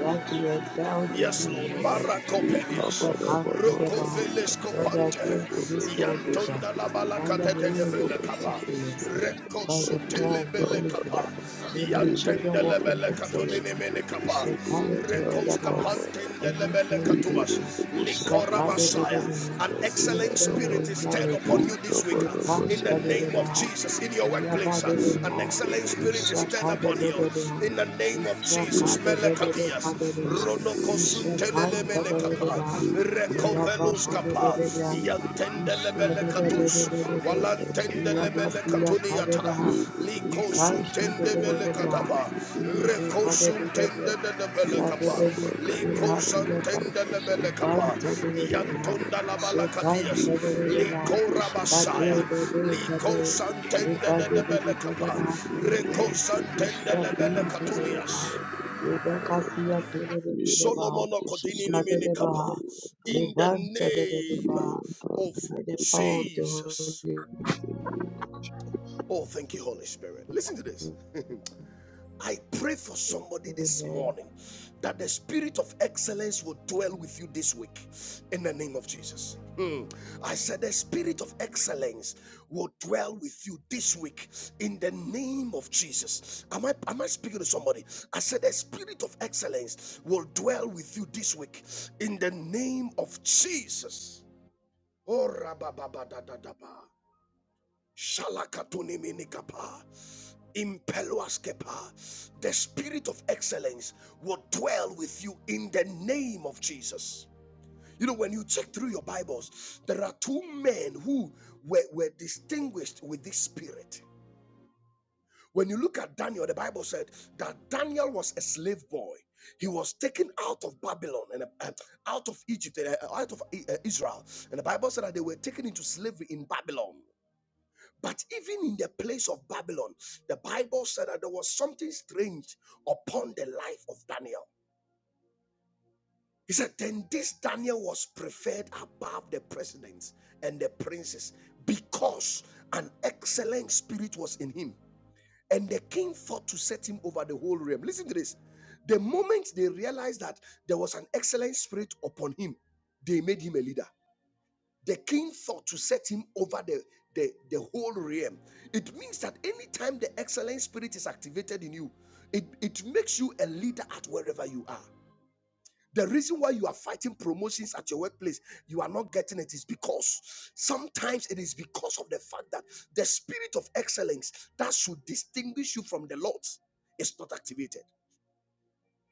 [SPEAKER 3] That you endowed in
[SPEAKER 1] Yes,
[SPEAKER 3] me,
[SPEAKER 1] Lord.
[SPEAKER 3] O Lord.
[SPEAKER 4] Thank
[SPEAKER 3] You
[SPEAKER 1] Maracopelias.
[SPEAKER 3] shall come to the bar. That I
[SPEAKER 1] Rocofelescopante.
[SPEAKER 3] came to this world with. uh,
[SPEAKER 1] Yantonda la balaca
[SPEAKER 3] Father,
[SPEAKER 1] de
[SPEAKER 3] may
[SPEAKER 1] de de
[SPEAKER 3] I walk in
[SPEAKER 1] belecapa.
[SPEAKER 3] excellence uh,
[SPEAKER 1] Reco
[SPEAKER 3] by the power
[SPEAKER 1] sutele
[SPEAKER 3] of the Holy
[SPEAKER 1] belecapa.
[SPEAKER 3] Ghost. May my children
[SPEAKER 1] Yantende le
[SPEAKER 3] walk in
[SPEAKER 1] belecatunine
[SPEAKER 3] excellence. uh,
[SPEAKER 1] menecapa.
[SPEAKER 3] So come to the
[SPEAKER 1] Recos
[SPEAKER 3] Dabaha
[SPEAKER 1] capantende
[SPEAKER 3] and
[SPEAKER 1] le belecatuas.
[SPEAKER 3] intelligence. uh,
[SPEAKER 1] Licora Messiah.
[SPEAKER 3] Shakadebadebe,
[SPEAKER 1] An excellent
[SPEAKER 3] Wisdom
[SPEAKER 1] spirit is
[SPEAKER 3] and
[SPEAKER 1] stirred
[SPEAKER 3] knowledge.
[SPEAKER 1] upon
[SPEAKER 3] uh,
[SPEAKER 1] you this week.
[SPEAKER 3] So come
[SPEAKER 1] In the
[SPEAKER 3] to the
[SPEAKER 1] name of
[SPEAKER 3] Dabaha.
[SPEAKER 1] Jesus. In your workplace. An
[SPEAKER 3] Yabadebeha.
[SPEAKER 1] excellent spirit is stirred upon you.
[SPEAKER 3] Ishakadebadebeha.
[SPEAKER 1] In the name of Jesus. Melekadia.
[SPEAKER 3] Ishakadebadebeha.
[SPEAKER 1] Rono
[SPEAKER 4] you.
[SPEAKER 1] kosuntelele mele kapa.
[SPEAKER 3] Ishakantadadebeha.
[SPEAKER 4] Thank you.
[SPEAKER 1] Rekovelus kapa.
[SPEAKER 3] Ilabakadebadebeha.
[SPEAKER 1] Yantendele
[SPEAKER 3] Shabbat
[SPEAKER 1] mele katus. Walantendele mele katuniata. Liko suntende mele katapa. Reko suntende de kapa. Liko santende de mele kapa. Yantonda la balakatias. katias. Liko rabasaya. Liko santende de kapa. Reko santende de mele Solomon Okodini Nimini Kappa. In
[SPEAKER 3] Leban
[SPEAKER 1] the name
[SPEAKER 3] Tabedeba,
[SPEAKER 1] of
[SPEAKER 3] and the power of the Holy
[SPEAKER 1] Jesus. Oh, thank you, Holy Spirit. Listen to this. I pray for somebody this
[SPEAKER 3] Amen.
[SPEAKER 1] morning that the spirit of excellence will dwell with you this week in the name of Jesus. Hmm. I said the spirit of excellence will dwell with you this week in the name of Jesus. Am I am I speaking to somebody? I said the spirit of excellence will dwell with you this week in the name of Jesus. Oh, rabababadadadaba. Shalakatuniminikapa. Impeluas kepa. The spirit of excellence will dwell with you in the name of Jesus. You know, when you check through your Bibles, there are two men who were, were distinguished with this spirit. When you look at Daniel, the Bible said that Daniel was a slave boy. He was taken out of Babylon and uh, out of Egypt, and, uh, out of uh, Israel. And the Bible said that they were taken into slavery in Babylon. But even in the place of Babylon, the Bible said that there was something strange upon the life of Daniel. He said, Then this Daniel was preferred above the presidents and the princes because an excellent spirit was in him. And the king thought to set him over the whole realm. Listen to this. The moment they realized that there was an excellent spirit upon him, they made him a leader. The king thought to set him over the, the, the whole realm. It means that anytime the excellent spirit is activated in you, it, it makes you a leader at wherever you are. The reason why you are fighting promotions at your workplace, you are not getting it, is because sometimes it is because of the fact that the spirit of excellence that should distinguish you from the lot is not activated.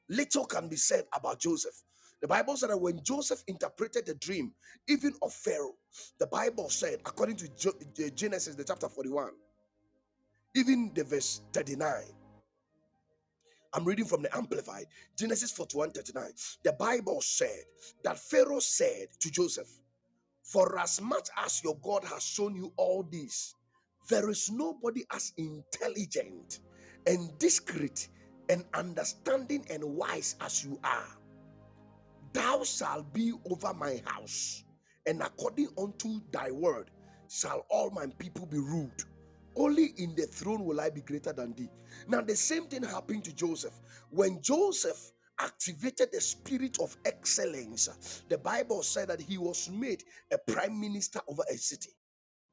[SPEAKER 1] Little can be said about Joseph. The Bible said that when Joseph interpreted the dream, even of Pharaoh, the Bible said, according to Genesis, the chapter 41, even the verse 39, I'm reading from the Amplified, Genesis 41 39. The Bible said that Pharaoh said to Joseph, For as much as your God has shown you all this, there is nobody as intelligent and discreet and understanding and wise as you are. Thou shalt be over my house, and according unto thy word shall all my people be ruled. Only in the throne will I be greater than thee. Now, the same thing happened to Joseph. When Joseph activated the spirit of excellence, the Bible said that he was made a prime minister over a city,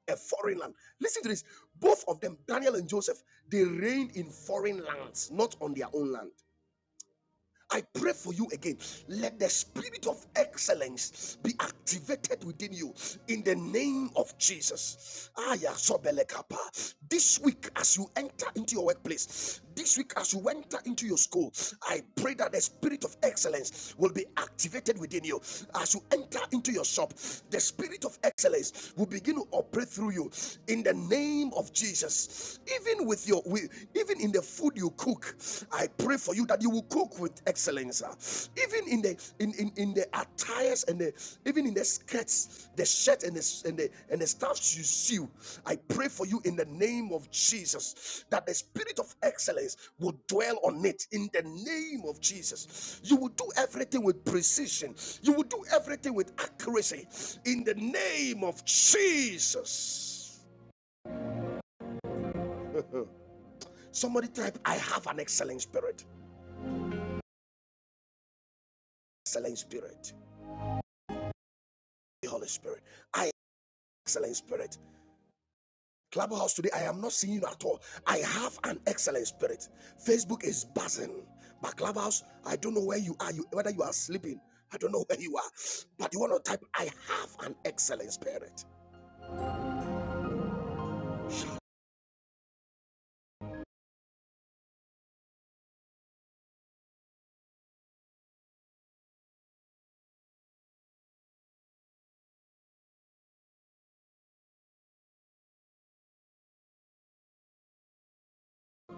[SPEAKER 1] a foreign land. Listen to this both of them, Daniel and Joseph, they reigned in foreign lands, not on their own land. I pray for you again. Let the spirit of excellence be activated within you in the name of Jesus. Aya sobelekapa. This week, as you enter into your workplace, this week, as you enter into your school, I pray that the spirit of excellence will be activated within you. As you enter into your shop, the spirit of excellence will begin to operate through you in the name of Jesus. Even with your, even in the food you cook i pray for you that you will cook with excellence uh, even in the in, in in the attires and the even in the skirts the shirt and the and the and the stuffs you sew i pray for you in the name of jesus that the spirit of excellence will dwell on it in the name of jesus you will do everything with precision you will do everything with accuracy in the name of jesus somebody type i have an excellent spirit excellent spirit Holy Spirit. I am excellent spirit. Clubhouse today, I am not seeing you at all. I have an excellent spirit. Facebook is buzzing, but Clubhouse, I don't know where you are. You whether you are sleeping, I don't know *laughs* where you are. But you want to type, I have an excellent spirit.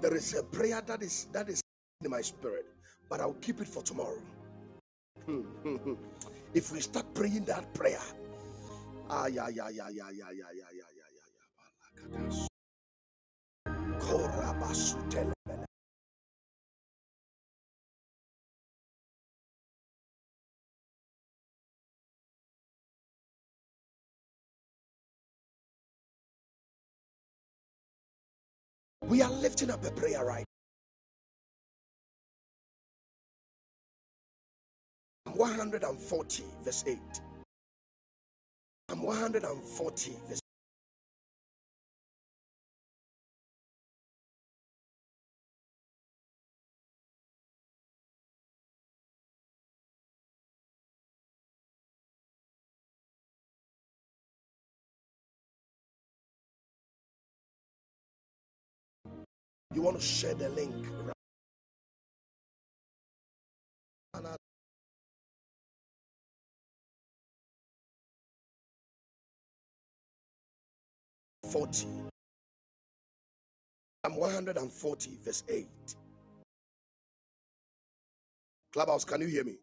[SPEAKER 1] There is a prayer that is that is in my spirit, but I'll keep it for tomorrow. *laughs* if we start praying that prayer, ah yeah yeah yeah yeah yeah yeah yeah yeah yeah yeah. yeah. We are lifting up a prayer right. 140 verse 8. I'm 140 verse eight. You want to share the link. Rana 40. I'm 140 verse 8. Clubhouse, can you hear me?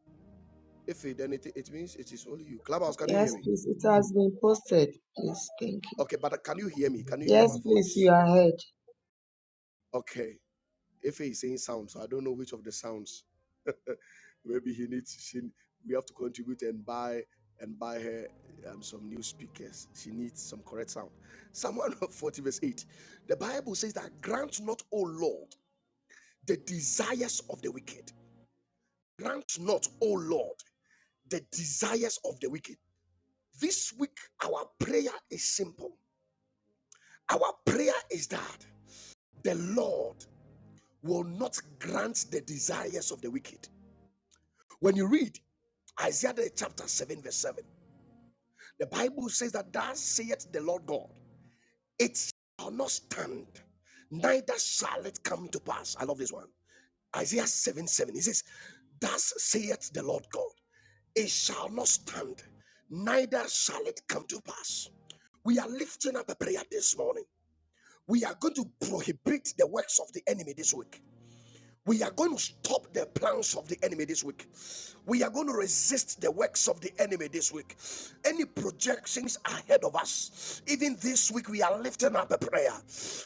[SPEAKER 1] If it then it, means it is only you. Clubhouse, can you hear
[SPEAKER 3] Yes,
[SPEAKER 1] me?
[SPEAKER 3] please. It has been posted. Please, thank you.
[SPEAKER 1] Okay, but can you hear me? Can you hear my
[SPEAKER 3] Yes, please. You
[SPEAKER 1] voice?
[SPEAKER 3] are ahead.
[SPEAKER 1] Okay. If he is saying sound, so I don't know which of the sounds *laughs* Maybe he needs she we have to contribute and buy and buy her um, some new speakers. She needs some correct sound. Psalm 140 verse 8. The Bible says that grant not, O Lord, the desires of the wicked. Grant not, O Lord, the desires of the wicked. This week, our prayer is simple. Our prayer is that the Lord will not grant the desires of the wicked. When you read Isaiah chapter 7, verse 7. The Bible says that thus saith the Lord God, it shall not stand, neither shall it come to pass. I love this one. Isaiah 7 7. He says, Thus saith the Lord God, it shall not stand, neither shall it come to pass. We are lifting up a prayer this morning. We are going to prohibit the works of the enemy this week. We are going to stop the plans of the enemy this week. We are going to resist the works of the enemy this week. Any projections ahead of us, even this week, we are lifting up a prayer.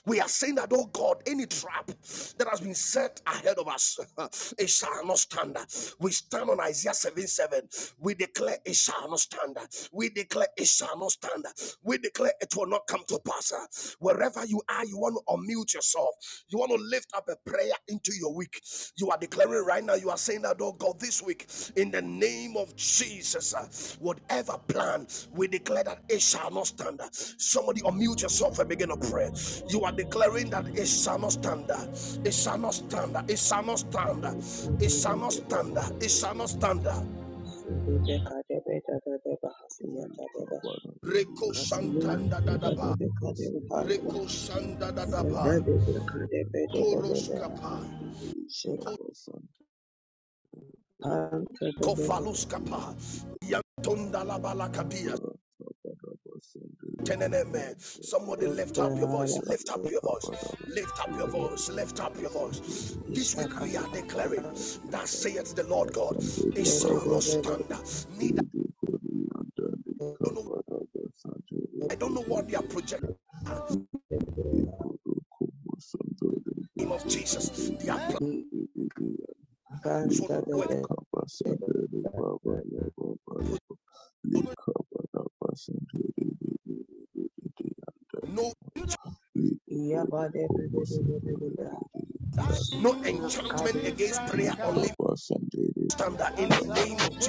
[SPEAKER 1] We are saying that, oh God, any trap that has been set ahead of us, *laughs* it shall not stand. We stand on Isaiah 7 7. We declare it shall not stand. We declare it shall not stand. We declare it will not come to pass. uh, Wherever you are, you want to unmute yourself. You want to lift up a prayer into your week. You are declaring right now, you are saying that, oh God, this week, in the name of Jesus, uh, whatever plan, we declare that it shall not stand. Somebody unmute yourself and begin to pray. You are declaring that it shall not stand. uh, It shall not stand. uh, It shall not stand. uh, It shall not stand. uh, It shall not stand. uh.
[SPEAKER 4] Thank
[SPEAKER 1] Reko Santanda Dadaba. Reko Santa Koroskapa, Kofaluskapa,
[SPEAKER 4] you.
[SPEAKER 1] Yantondalabalakapia, Teneneme. Somebody lift up your voice, lift up your voice, lift up your voice, lift up your voice. This week
[SPEAKER 3] Shaka
[SPEAKER 1] we are declaring that saith the Lord God,
[SPEAKER 4] Sanjay
[SPEAKER 1] it shall
[SPEAKER 4] Baba
[SPEAKER 1] not stand.
[SPEAKER 4] Nadari,
[SPEAKER 1] Neither
[SPEAKER 4] Rudi Kuri Andali
[SPEAKER 1] I don't know,
[SPEAKER 4] Kabaraba Sanjay
[SPEAKER 1] I don't know what they are
[SPEAKER 4] Rudi
[SPEAKER 1] projecting in
[SPEAKER 4] Rudi Kuru Kumu Sandari
[SPEAKER 1] the name of Jesus. Their
[SPEAKER 4] Rudi
[SPEAKER 1] plans
[SPEAKER 4] Rudi
[SPEAKER 1] will
[SPEAKER 3] Canta de
[SPEAKER 1] work. No,
[SPEAKER 3] Against
[SPEAKER 1] no enchantment against prayer or living standard in the name of Jesus.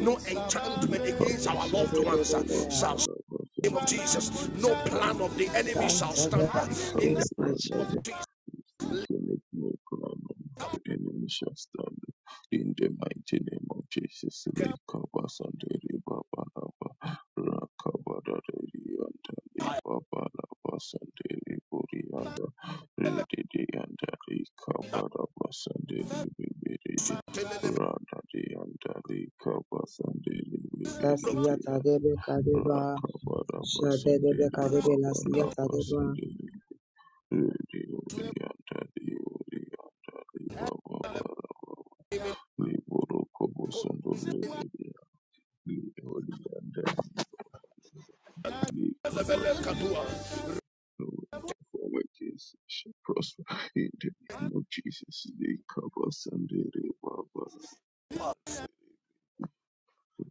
[SPEAKER 1] no enchantment against our loved
[SPEAKER 4] Sunday,
[SPEAKER 1] ones uh, shall stand in the name of Jesus. No plan of the enemy shall stand uh, in the
[SPEAKER 4] Recover
[SPEAKER 3] my children.
[SPEAKER 4] whatever is internet requirements. The enemy shall stand in the mighty name of Jesus. Recover Sunday River Balaba. Rakabada Rianta Liba Balaba Sunday Riburianda. Ready the under Recover Sunday Ribiridi.
[SPEAKER 1] name
[SPEAKER 4] Rada the Recover Sunday
[SPEAKER 3] That's
[SPEAKER 4] Ribiridi.
[SPEAKER 3] Yatadebe Kadeba,
[SPEAKER 4] Rakabada Sunday
[SPEAKER 3] Shadebe
[SPEAKER 4] River
[SPEAKER 3] Kadebe, Las
[SPEAKER 4] Balaba
[SPEAKER 3] Yatadeba,
[SPEAKER 4] Udi udi ata di udi ata di ba ba ba ba ba. Li boro kobo sando le le le. Li udi ata li kobo
[SPEAKER 1] of
[SPEAKER 4] sando le
[SPEAKER 1] Jesus.
[SPEAKER 4] le. No Conformities shall prosper in the name of Jesus. The cover Sunday, the Baba,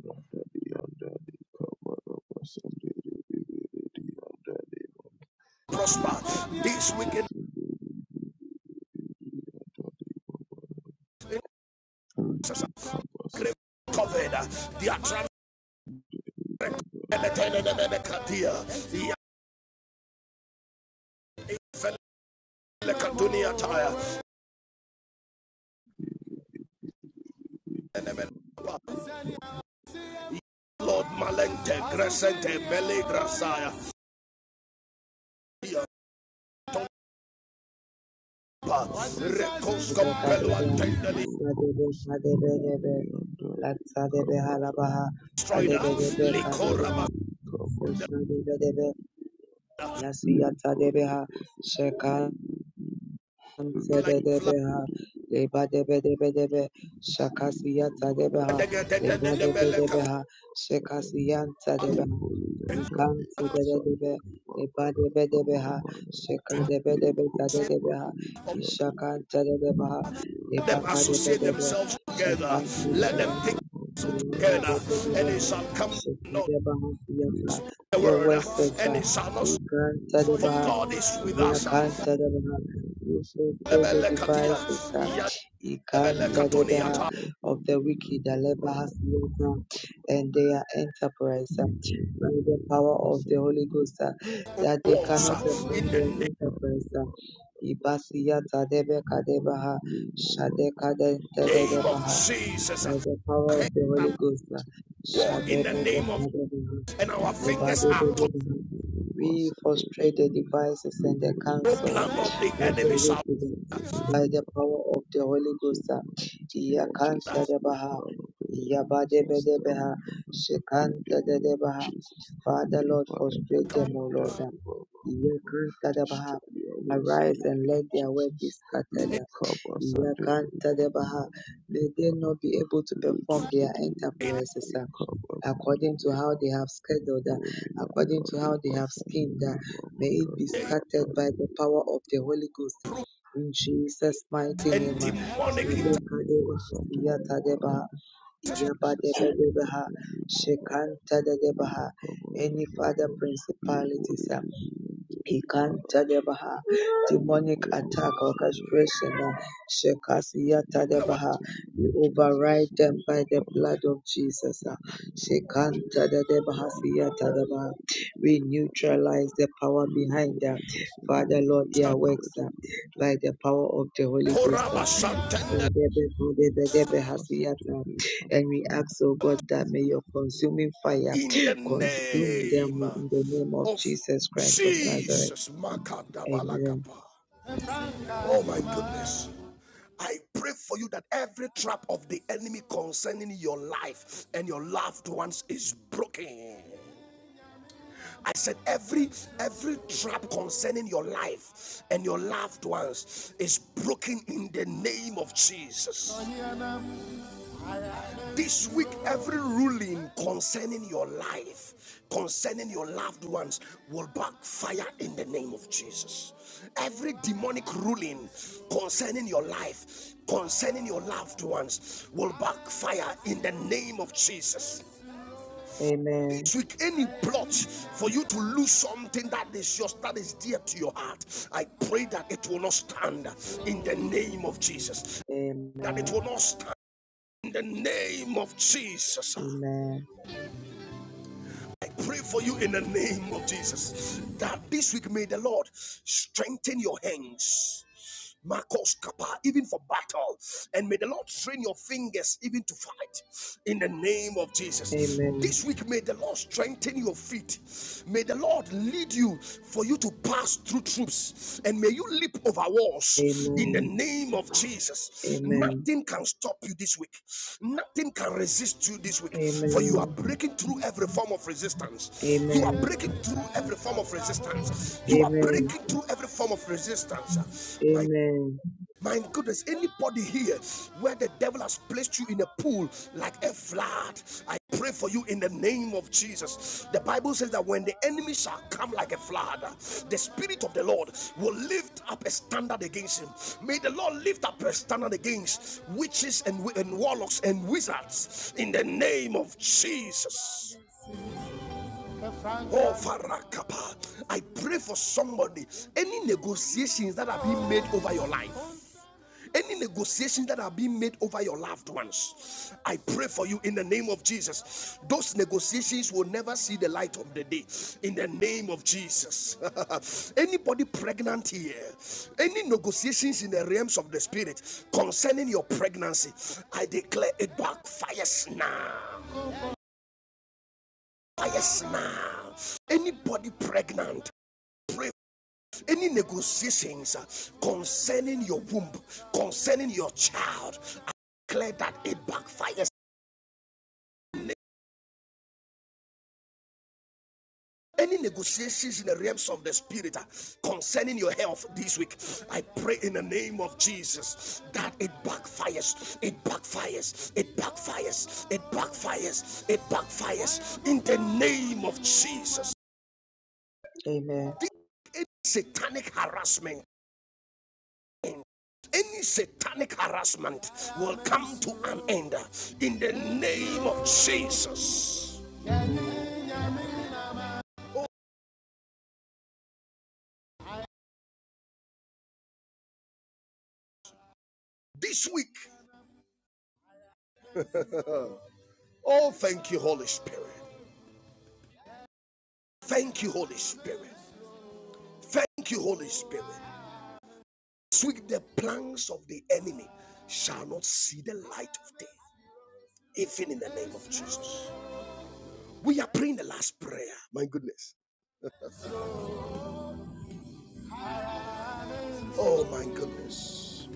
[SPEAKER 4] Rada, the under, the cover of Sunday, the baby, the under, the Labor,
[SPEAKER 1] prosper this
[SPEAKER 4] Kobo,
[SPEAKER 1] weekend.
[SPEAKER 4] Sunday, the baby, the under, the Baba. Thank
[SPEAKER 1] Grave covered uh, their trans- Lord Malente Crescente Bele Tompa Recos
[SPEAKER 3] Ede
[SPEAKER 1] Compelo
[SPEAKER 3] Kadeba,
[SPEAKER 1] Antendeli
[SPEAKER 3] Shadebe Kadebe, Latadebe Halabaha,
[SPEAKER 1] Destroyed
[SPEAKER 3] Kadebe Kadebe,
[SPEAKER 1] Licora
[SPEAKER 3] Shadebe, Yasiyatadebeha, Sheka.
[SPEAKER 1] like fly.
[SPEAKER 3] Sedebeha, Leba debe debe debe, Shakasiyata debeha, Leba debe
[SPEAKER 1] the
[SPEAKER 3] debeha,
[SPEAKER 4] you.
[SPEAKER 3] Shekasiyanta debeha,
[SPEAKER 4] Lipoli yanda
[SPEAKER 3] Ikanta
[SPEAKER 4] leba
[SPEAKER 3] debe
[SPEAKER 4] sande
[SPEAKER 3] debe,
[SPEAKER 4] leba
[SPEAKER 3] Leba
[SPEAKER 4] bara
[SPEAKER 3] debe
[SPEAKER 4] kama
[SPEAKER 3] debeha, Sheka
[SPEAKER 4] bara
[SPEAKER 3] debe debe tade
[SPEAKER 4] likoro
[SPEAKER 3] debeha,
[SPEAKER 4] bari yanda lebe
[SPEAKER 3] Ishakanta
[SPEAKER 4] bere
[SPEAKER 3] debeha,
[SPEAKER 4] bere
[SPEAKER 1] Let
[SPEAKER 4] yanda
[SPEAKER 1] them
[SPEAKER 3] Lebaka
[SPEAKER 4] le
[SPEAKER 3] debe
[SPEAKER 1] associate
[SPEAKER 3] debe,
[SPEAKER 1] themselves together.
[SPEAKER 3] Shakanta
[SPEAKER 1] Let
[SPEAKER 4] leba
[SPEAKER 1] them
[SPEAKER 3] debeha,
[SPEAKER 1] think
[SPEAKER 4] baba
[SPEAKER 1] so
[SPEAKER 4] bara
[SPEAKER 3] Ilaka
[SPEAKER 1] together,
[SPEAKER 3] debe
[SPEAKER 4] basande
[SPEAKER 1] and it
[SPEAKER 3] debeha,
[SPEAKER 1] shall
[SPEAKER 4] leba
[SPEAKER 1] come
[SPEAKER 3] Sheka
[SPEAKER 1] not
[SPEAKER 3] debeha siyata.
[SPEAKER 4] baba
[SPEAKER 1] the
[SPEAKER 3] Your
[SPEAKER 1] word,
[SPEAKER 3] word says,
[SPEAKER 1] and
[SPEAKER 3] uh,
[SPEAKER 1] it shall not.
[SPEAKER 4] sande
[SPEAKER 3] Ikanta
[SPEAKER 1] For
[SPEAKER 3] debeha,
[SPEAKER 1] God is with us.
[SPEAKER 4] leba
[SPEAKER 3] Yakanta
[SPEAKER 4] baba
[SPEAKER 3] debeha.
[SPEAKER 4] bara sande
[SPEAKER 3] Infiltrate the devices uh,
[SPEAKER 4] leba
[SPEAKER 3] Ikantadebeha
[SPEAKER 4] baba
[SPEAKER 3] of
[SPEAKER 4] sande
[SPEAKER 3] the
[SPEAKER 4] leba bara baba bara
[SPEAKER 3] wicked,
[SPEAKER 4] leba
[SPEAKER 3] Alebahasiata, and their enterprise uh, by the power
[SPEAKER 4] baba
[SPEAKER 3] of the
[SPEAKER 4] sande
[SPEAKER 3] Holy
[SPEAKER 4] leba
[SPEAKER 3] Ghost, uh, that they cannot
[SPEAKER 4] yanda
[SPEAKER 1] in
[SPEAKER 3] perform
[SPEAKER 1] the
[SPEAKER 3] their enterprise.
[SPEAKER 4] leba
[SPEAKER 3] uh,
[SPEAKER 4] bara basande
[SPEAKER 3] Ibasiyata Debeka Debaha, Shadeka
[SPEAKER 1] name of
[SPEAKER 3] Dentedebaha,
[SPEAKER 1] Jesus.
[SPEAKER 3] by the power of the Holy Ghost. uh,
[SPEAKER 1] Walk in
[SPEAKER 4] Thank you.
[SPEAKER 1] the name of,
[SPEAKER 3] Shadebedebedebe,
[SPEAKER 1] and our fingers are.
[SPEAKER 3] Lebadebedebe. We frustrate the devices and the
[SPEAKER 1] No
[SPEAKER 3] counsel
[SPEAKER 1] plan of the
[SPEAKER 3] uh, of the
[SPEAKER 1] enemy shall
[SPEAKER 3] wicked by the power of the Holy Ghost. uh,
[SPEAKER 4] Jesus, no
[SPEAKER 3] Yakantadabaha,
[SPEAKER 4] problem. Jesus,
[SPEAKER 3] Yabadebedebeha,
[SPEAKER 4] in the name of
[SPEAKER 3] Shekantadadebaha.
[SPEAKER 4] Jesus,
[SPEAKER 3] Father,
[SPEAKER 4] live
[SPEAKER 3] Lord,
[SPEAKER 4] forever
[SPEAKER 3] frustrate them,
[SPEAKER 4] beyond
[SPEAKER 3] O
[SPEAKER 4] the
[SPEAKER 3] Lord. uh,
[SPEAKER 4] river.
[SPEAKER 3] Yakantadabaha.
[SPEAKER 4] Destroy your ways in
[SPEAKER 3] Arise
[SPEAKER 4] the
[SPEAKER 3] and
[SPEAKER 4] name
[SPEAKER 3] let
[SPEAKER 4] of
[SPEAKER 3] their work be
[SPEAKER 4] Jesus.
[SPEAKER 3] scattered.
[SPEAKER 4] Live
[SPEAKER 3] uh,
[SPEAKER 4] covers and the river
[SPEAKER 3] Yakantadabaha.
[SPEAKER 4] and the
[SPEAKER 3] May they
[SPEAKER 4] river.
[SPEAKER 3] not be able to
[SPEAKER 4] Live to
[SPEAKER 3] perform their
[SPEAKER 4] the and
[SPEAKER 1] be
[SPEAKER 4] the Father.
[SPEAKER 3] enterprises
[SPEAKER 4] Live
[SPEAKER 3] uh,
[SPEAKER 4] covers and the
[SPEAKER 3] according to how
[SPEAKER 4] river.
[SPEAKER 3] they have scheduled, uh,
[SPEAKER 4] Holy and
[SPEAKER 3] according to
[SPEAKER 4] holy,
[SPEAKER 3] how they have schemed. uh,
[SPEAKER 4] Basandeli, Baba,
[SPEAKER 3] May it be
[SPEAKER 4] Gabi,
[SPEAKER 3] scattered by the power of the Holy Ghost.
[SPEAKER 1] proof
[SPEAKER 3] In Jesus'
[SPEAKER 4] and
[SPEAKER 3] mighty
[SPEAKER 1] and
[SPEAKER 3] name. uh,
[SPEAKER 1] demonic
[SPEAKER 4] Jesus,
[SPEAKER 1] in
[SPEAKER 4] Holy
[SPEAKER 3] Sadokadeba,
[SPEAKER 4] Baba,
[SPEAKER 3] Siyatadeba,
[SPEAKER 4] Jesus, Holy and
[SPEAKER 3] Iyabadebadeba,
[SPEAKER 4] holy, Baba, Lee,
[SPEAKER 3] Shekantadadebaha.
[SPEAKER 4] Kaba,
[SPEAKER 3] Any father
[SPEAKER 4] Baba, Lee,
[SPEAKER 3] principalities.
[SPEAKER 4] Bori,
[SPEAKER 3] uh,
[SPEAKER 4] Didi, and Deli, Baba,
[SPEAKER 3] Ikantadebaha,
[SPEAKER 4] Lee,
[SPEAKER 3] demonic
[SPEAKER 4] Boro,
[SPEAKER 3] attack,
[SPEAKER 4] Basandeli,
[SPEAKER 3] orchestration, uh,
[SPEAKER 4] Baba, in the
[SPEAKER 1] our
[SPEAKER 3] Shekasiatadebaha.
[SPEAKER 4] mighty name
[SPEAKER 3] We
[SPEAKER 4] of Jesus,
[SPEAKER 3] override them by the blood
[SPEAKER 4] Baba,
[SPEAKER 3] of Jesus. uh,
[SPEAKER 4] In the name of Jesus, for
[SPEAKER 3] Shekantadebaha,
[SPEAKER 4] the ungodly,
[SPEAKER 3] Siatadebaha. We
[SPEAKER 4] for the
[SPEAKER 3] neutralize the power
[SPEAKER 4] ungodly, for
[SPEAKER 3] behind them.
[SPEAKER 4] the person, for
[SPEAKER 3] Father, Lord,
[SPEAKER 4] the
[SPEAKER 3] their works uh,
[SPEAKER 4] ungodly,
[SPEAKER 3] by the power of the Holy
[SPEAKER 4] in
[SPEAKER 3] Ghost.
[SPEAKER 4] the
[SPEAKER 3] uh,
[SPEAKER 4] name of Jesus.
[SPEAKER 3] Sedebebodebedebe,
[SPEAKER 4] Help us and
[SPEAKER 3] Hasiata.
[SPEAKER 4] take up
[SPEAKER 3] And we
[SPEAKER 4] our
[SPEAKER 3] ask, oh God, that may your consuming fire
[SPEAKER 1] in the
[SPEAKER 3] consume
[SPEAKER 1] name
[SPEAKER 3] them in the name of
[SPEAKER 1] of
[SPEAKER 3] Jesus Christ of Nazareth.
[SPEAKER 1] Jesus.
[SPEAKER 3] Amen.
[SPEAKER 1] Makadabalakapa. Oh my goodness. I pray for you that every trap of the enemy concerning your life and your loved ones is broken. I said every every trap concerning your life and your loved ones is broken in the name of Jesus. This week, every ruling concerning your life, concerning your loved ones, will backfire in the name of Jesus. Every demonic ruling concerning your life, concerning your loved ones, will backfire in the name of Jesus.
[SPEAKER 3] Amen.
[SPEAKER 1] This week, any plot for you to lose something that is yours, that is dear to your heart, I pray that it will not stand in the name of Jesus. That it
[SPEAKER 3] Amen.
[SPEAKER 1] will not stand in the name of Jesus.
[SPEAKER 3] Amen.
[SPEAKER 1] I pray for you in the name of Jesus that this week may the Lord strengthen your hands. Marcos Kappa, even for battle, and may the Lord train your fingers even to fight in the name of Jesus.
[SPEAKER 3] Amen.
[SPEAKER 1] This week, may the Lord strengthen your feet, may the Lord lead you for you you to pass through troops and may you leap over walls in the
[SPEAKER 3] Amen.
[SPEAKER 1] name of Jesus.
[SPEAKER 3] Amen.
[SPEAKER 1] Nothing can stop you this week, nothing can resist you this week,
[SPEAKER 3] Amen.
[SPEAKER 1] for you are breaking through every form of resistance. You are
[SPEAKER 3] Amen.
[SPEAKER 1] breaking through every form of resistance. You are
[SPEAKER 3] Amen.
[SPEAKER 1] breaking through every form of resistance. My
[SPEAKER 3] Amen.
[SPEAKER 1] my goodness, anybody here where the devil has placed you in a pool like a flood, I pray for you in the name of Jesus. The Bible says that when the enemy shall come like a flood, the Spirit of the Lord will lift up a standard against him. May the Lord lift up a standard against witches and, and warlocks and wizards in the name of Jesus. Oh, Farakapa, I pray for somebody. Any negotiations that have been made over your life, any negotiations that are being made over your loved ones i pray for you in the name of jesus those negotiations will never see the light of the day in the name of jesus *laughs* anybody pregnant here any negotiations in the realms of the spirit concerning your pregnancy i declare it backfires now fires now anybody pregnant any negotiations uh, concerning your womb, concerning your child, I declare that it backfires. Any negotiations in the realms of the spirit uh, concerning your health this week, I pray in the name of Jesus that it backfires, it backfires, it backfires, it backfires, it backfires in the name of Jesus.
[SPEAKER 3] Amen.
[SPEAKER 1] This satanic harassment any satanic harassment will come to an end in the name of Jesus. This week, oh, thank you, Holy Spirit. Thank you, Holy Spirit. Thank you, Holy Spirit. This week, the plans of the enemy shall not see the light of day, even in the name of Jesus. We are praying the last prayer. My goodness. Oh, my goodness.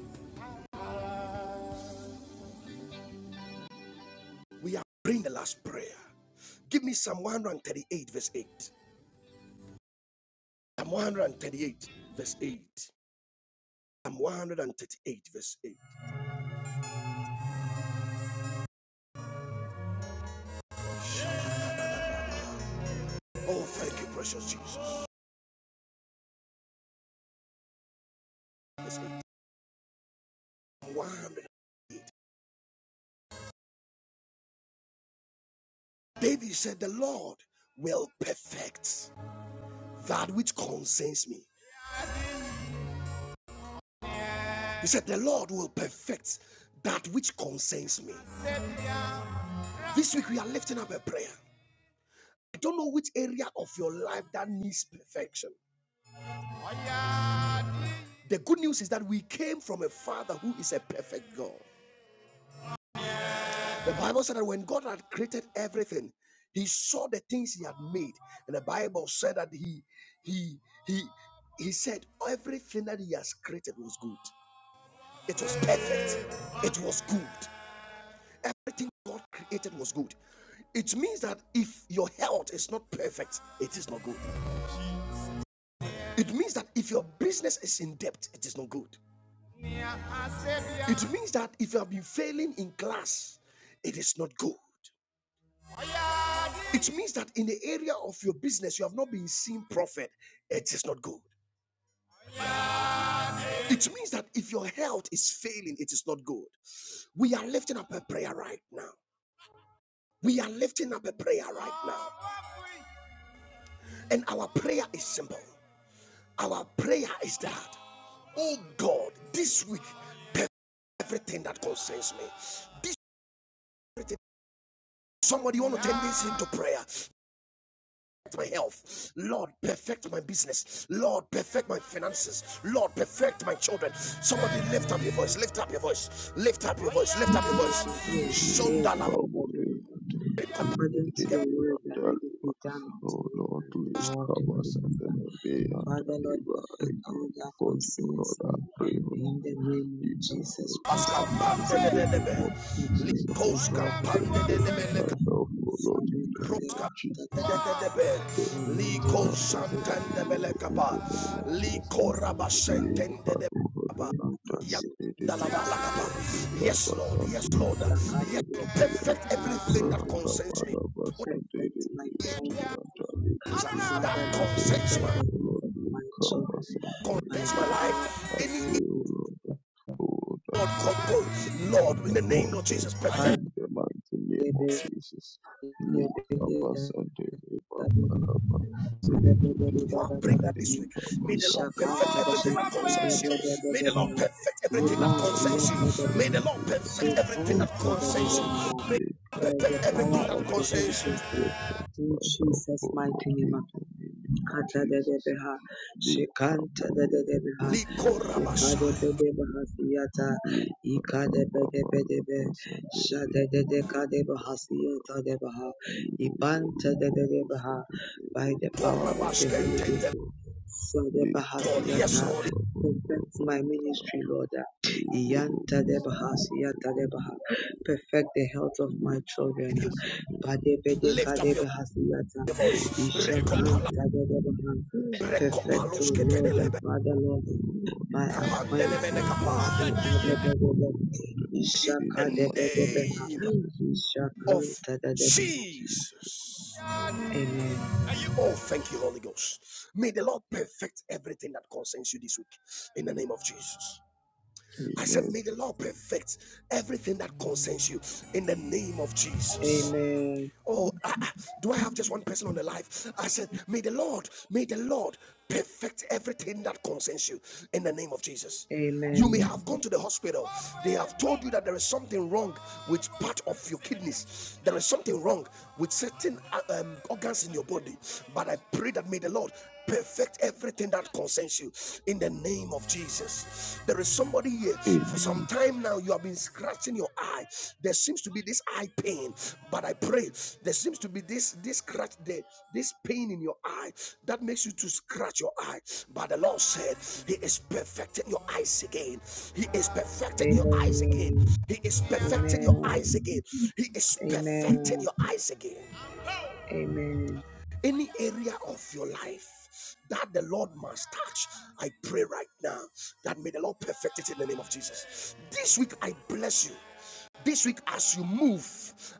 [SPEAKER 1] We are praying the last prayer. Give me Psalm 138, verse 8. Psalm 138, verse 8. Psalm 138, verse 8. Oh, thank you, precious Jesus. Verse 8. Psalm 138. David said, The Lord will perfect that which concerns me. He said, The Lord will perfect that which concerns me. This week we are lifting up a prayer. I don't know which area of your life that needs perfection. The good news is that we came from a father who is a perfect God. The Bible said that when God had created everything, he saw the things he had made. And the Bible said that he he he he said everything that he has created was good. It was perfect. It was good. Everything God created was good. It means that if your health is not perfect, it is not good. It means that if your business is in debt, it is not good. It means that if you have been failing in class, it is not good. It means that in the area of your business, you have not been seeing profit. It is not good. It means that if your health is failing, it is not good. We are lifting up a prayer right now. We are lifting up a prayer right now. And our prayer is simple. Our prayer is that, oh God, this week, everything that concerns me, this everything. Somebody you want to turn this into prayer. my health. Lord, perfect my business. Lord, perfect my finances. Lord, perfect my children. Somebody lift up your voice. Lift up your voice. Lift up your voice. Lift up your voice. Shondalaba.
[SPEAKER 3] According to your word, that let it be done unto
[SPEAKER 4] Oh
[SPEAKER 3] me,
[SPEAKER 4] Lord,
[SPEAKER 3] that the
[SPEAKER 4] we
[SPEAKER 3] Lord, the
[SPEAKER 4] cover
[SPEAKER 3] Holy
[SPEAKER 4] us and
[SPEAKER 3] Ghost,
[SPEAKER 4] deliver and
[SPEAKER 3] Father, Lord,
[SPEAKER 4] I
[SPEAKER 3] perfect
[SPEAKER 4] come
[SPEAKER 3] all that
[SPEAKER 4] before you, Lord.
[SPEAKER 3] concerns
[SPEAKER 4] I
[SPEAKER 3] me
[SPEAKER 4] pray, Lord.
[SPEAKER 3] in the name of
[SPEAKER 4] you
[SPEAKER 3] Jesus
[SPEAKER 4] perfect my
[SPEAKER 3] Christ
[SPEAKER 1] Koska
[SPEAKER 3] of
[SPEAKER 4] life
[SPEAKER 1] pande
[SPEAKER 4] in
[SPEAKER 3] Nazareth.
[SPEAKER 1] de
[SPEAKER 4] the
[SPEAKER 1] de
[SPEAKER 4] name of
[SPEAKER 3] We
[SPEAKER 4] Jesus.
[SPEAKER 3] beg, O God,
[SPEAKER 1] Likoska
[SPEAKER 3] and
[SPEAKER 1] pande de
[SPEAKER 3] Father,
[SPEAKER 4] Perfect
[SPEAKER 3] Lord,
[SPEAKER 1] de
[SPEAKER 4] my health,
[SPEAKER 3] we
[SPEAKER 4] O Lord,
[SPEAKER 3] Father,
[SPEAKER 4] in the name of
[SPEAKER 1] Proska
[SPEAKER 3] Kadeba,
[SPEAKER 4] Jesus.
[SPEAKER 3] Tadada,
[SPEAKER 1] Dedebe,
[SPEAKER 4] Perfect my
[SPEAKER 1] Liko
[SPEAKER 3] Remember, Abadeba,
[SPEAKER 4] understanding
[SPEAKER 1] Santende
[SPEAKER 4] in you
[SPEAKER 3] Fiata,
[SPEAKER 4] in
[SPEAKER 1] Belekaba,
[SPEAKER 4] the name
[SPEAKER 3] my
[SPEAKER 4] of Jesus.
[SPEAKER 1] Liko
[SPEAKER 3] focus, and Abadeba,
[SPEAKER 1] Rabasentende de
[SPEAKER 4] Rikato holy
[SPEAKER 1] Baba,
[SPEAKER 3] pay
[SPEAKER 4] antani
[SPEAKER 3] attention to
[SPEAKER 4] edede
[SPEAKER 3] details,
[SPEAKER 1] Yalabalakaba.
[SPEAKER 3] Saleba,
[SPEAKER 4] antani
[SPEAKER 3] Kadeba.
[SPEAKER 1] Yes,
[SPEAKER 4] rikaba
[SPEAKER 1] Lord, yes,
[SPEAKER 4] sante
[SPEAKER 1] Lord,
[SPEAKER 4] edede
[SPEAKER 1] yes, Lord,
[SPEAKER 3] Sakadebe,
[SPEAKER 4] edede
[SPEAKER 1] perfect
[SPEAKER 3] perfect my
[SPEAKER 1] everything that
[SPEAKER 3] children.
[SPEAKER 1] concerns me.
[SPEAKER 4] rakabada
[SPEAKER 1] What
[SPEAKER 4] basante
[SPEAKER 3] Perfect my
[SPEAKER 4] edede antani
[SPEAKER 3] finances.
[SPEAKER 4] antani
[SPEAKER 1] things
[SPEAKER 4] edede.
[SPEAKER 1] that
[SPEAKER 3] Father,
[SPEAKER 1] That
[SPEAKER 3] Lord,
[SPEAKER 4] O
[SPEAKER 1] concerns my
[SPEAKER 3] Protect
[SPEAKER 4] Lord,
[SPEAKER 1] life,
[SPEAKER 3] the
[SPEAKER 4] O
[SPEAKER 3] needs
[SPEAKER 4] Lord,
[SPEAKER 3] of my
[SPEAKER 4] rikaba
[SPEAKER 3] children
[SPEAKER 4] sante
[SPEAKER 3] by
[SPEAKER 1] concerns
[SPEAKER 4] edede
[SPEAKER 3] the
[SPEAKER 1] my
[SPEAKER 3] power of
[SPEAKER 1] life,
[SPEAKER 4] I
[SPEAKER 3] the
[SPEAKER 1] any
[SPEAKER 4] pray,
[SPEAKER 3] Holy
[SPEAKER 4] O
[SPEAKER 3] Ghost.
[SPEAKER 4] Lord. Oh, that
[SPEAKER 1] Lord,
[SPEAKER 4] you perfectly
[SPEAKER 1] control,
[SPEAKER 4] in
[SPEAKER 1] Lord, in
[SPEAKER 4] the
[SPEAKER 1] the name
[SPEAKER 3] Safeguard
[SPEAKER 1] of Jesus,
[SPEAKER 4] process
[SPEAKER 1] perfect.
[SPEAKER 4] in the mighty name of
[SPEAKER 3] every-
[SPEAKER 4] Jesus.
[SPEAKER 3] every day
[SPEAKER 4] Likaba
[SPEAKER 3] that-
[SPEAKER 4] Sunday
[SPEAKER 3] that we do.
[SPEAKER 4] Baba Redidi
[SPEAKER 1] You
[SPEAKER 3] By
[SPEAKER 1] are
[SPEAKER 4] and
[SPEAKER 1] praying that this week.
[SPEAKER 4] Likaba
[SPEAKER 1] May the Lord
[SPEAKER 4] Sunday
[SPEAKER 1] perfect everything that concerns you. May the Lord
[SPEAKER 4] Baba
[SPEAKER 1] perfect everything that
[SPEAKER 4] Likaba
[SPEAKER 1] concerns you.
[SPEAKER 4] Sunday
[SPEAKER 1] May the Lord perfect everything that
[SPEAKER 4] Perfect my
[SPEAKER 1] concerns
[SPEAKER 4] life
[SPEAKER 1] you. May
[SPEAKER 4] Likaba
[SPEAKER 3] the power
[SPEAKER 4] Sunday
[SPEAKER 1] everything that
[SPEAKER 3] of the Holy
[SPEAKER 1] concerns
[SPEAKER 3] Ghost,
[SPEAKER 1] you.
[SPEAKER 4] Perfect my
[SPEAKER 3] in
[SPEAKER 4] health,
[SPEAKER 3] Jesus'
[SPEAKER 4] O
[SPEAKER 3] mighty
[SPEAKER 4] Lord,
[SPEAKER 3] name,
[SPEAKER 4] in the name of
[SPEAKER 3] Kata de de
[SPEAKER 4] Jesus.
[SPEAKER 3] beha, shikanta de de
[SPEAKER 4] Likaburi
[SPEAKER 3] de beha,
[SPEAKER 4] Bibi
[SPEAKER 3] shikade de
[SPEAKER 1] Likorabashai,
[SPEAKER 3] be de beha
[SPEAKER 4] Babarati
[SPEAKER 3] siyata, ikade de de de be de
[SPEAKER 4] Likababala
[SPEAKER 3] be,
[SPEAKER 4] Pasande
[SPEAKER 3] shade de
[SPEAKER 4] Bibi
[SPEAKER 3] de kade beha
[SPEAKER 4] Baba
[SPEAKER 3] siyata de beha,
[SPEAKER 4] Liburu
[SPEAKER 3] ibanta de de de
[SPEAKER 4] Kobo
[SPEAKER 3] beha,
[SPEAKER 4] Sante
[SPEAKER 3] by
[SPEAKER 4] Bibi
[SPEAKER 3] the
[SPEAKER 4] Bibi
[SPEAKER 3] power of the Holy
[SPEAKER 1] korabashkente,
[SPEAKER 3] Ghost.
[SPEAKER 4] Likabala Baba
[SPEAKER 3] Shade
[SPEAKER 4] the
[SPEAKER 3] beha
[SPEAKER 1] Lord.
[SPEAKER 3] siyata,
[SPEAKER 1] Yes,
[SPEAKER 4] Kabala,
[SPEAKER 1] Lord.
[SPEAKER 4] Baba
[SPEAKER 3] perfect my
[SPEAKER 4] Baba
[SPEAKER 3] ministry, Lord.
[SPEAKER 4] Liburu
[SPEAKER 3] Iyanta de beha
[SPEAKER 4] Sante
[SPEAKER 3] siyata de beha,
[SPEAKER 4] Bibi
[SPEAKER 3] perfect the health of my children.
[SPEAKER 4] Likabala
[SPEAKER 1] you
[SPEAKER 4] Sante
[SPEAKER 3] Bade
[SPEAKER 4] Bibi
[SPEAKER 3] bede
[SPEAKER 1] lift
[SPEAKER 3] kade
[SPEAKER 1] up your
[SPEAKER 3] beha siyata.
[SPEAKER 4] Oh
[SPEAKER 1] voice.
[SPEAKER 4] Lord, the
[SPEAKER 1] Rekopala,
[SPEAKER 4] Lord of
[SPEAKER 3] Ishakantagadabaha.
[SPEAKER 4] friendship and
[SPEAKER 3] Perfect,
[SPEAKER 4] health
[SPEAKER 3] O Lord
[SPEAKER 1] rekopaloskete,
[SPEAKER 3] and
[SPEAKER 4] and
[SPEAKER 3] Father, Lord,
[SPEAKER 4] family Lord.
[SPEAKER 3] my
[SPEAKER 4] purpose
[SPEAKER 1] kapandelebene,
[SPEAKER 3] appointment
[SPEAKER 4] and
[SPEAKER 3] is
[SPEAKER 4] help
[SPEAKER 1] kapa.
[SPEAKER 4] us, O Lord,
[SPEAKER 3] Sakadabadaba.
[SPEAKER 4] In
[SPEAKER 1] The
[SPEAKER 4] the mighty name of
[SPEAKER 3] Ishakadabedabeha.
[SPEAKER 1] name
[SPEAKER 4] Jesus. In
[SPEAKER 1] of
[SPEAKER 4] the name of
[SPEAKER 3] Ishakantagadabaha.
[SPEAKER 4] Jesus.
[SPEAKER 1] Jesus.
[SPEAKER 3] Amen.
[SPEAKER 1] Oh, thank you, Holy Ghost. May the Lord perfect everything that concerns you this week in the name of Jesus. I said,
[SPEAKER 4] Amen.
[SPEAKER 1] May the Lord perfect everything that concerns you in the name of Jesus.
[SPEAKER 3] Amen.
[SPEAKER 1] Oh, ah, ah, do I have just one person on the life? I said, May the Lord, may the Lord perfect everything that concerns you in the name of Jesus. You may
[SPEAKER 3] Amen.
[SPEAKER 1] have gone to the hospital. They have told you that there is something wrong with part of your kidneys. There is something wrong with certain uh, um, organs in your body. But I pray that may the Lord perfect everything that concerns you in the name of Jesus. There is somebody here for some
[SPEAKER 4] Amen.
[SPEAKER 1] time now, you have been scratching your eye. There seems to be this eye pain, but I pray there seems to be this this scratch there, this pain in your eye that makes you to scratch your eye. But the Lord said, He is perfecting your eyes again. He is perfecting your eyes again.
[SPEAKER 3] Amen.
[SPEAKER 1] He is perfecting your
[SPEAKER 3] Amen.
[SPEAKER 1] eyes again. He is perfecting
[SPEAKER 3] Amen.
[SPEAKER 1] your eyes again
[SPEAKER 3] Amen. Amen.
[SPEAKER 1] any area of your life that the Lord must touch, I pray right now that may the Lord perfect it in the name of Jesus. This week I bless you. This week, as you move,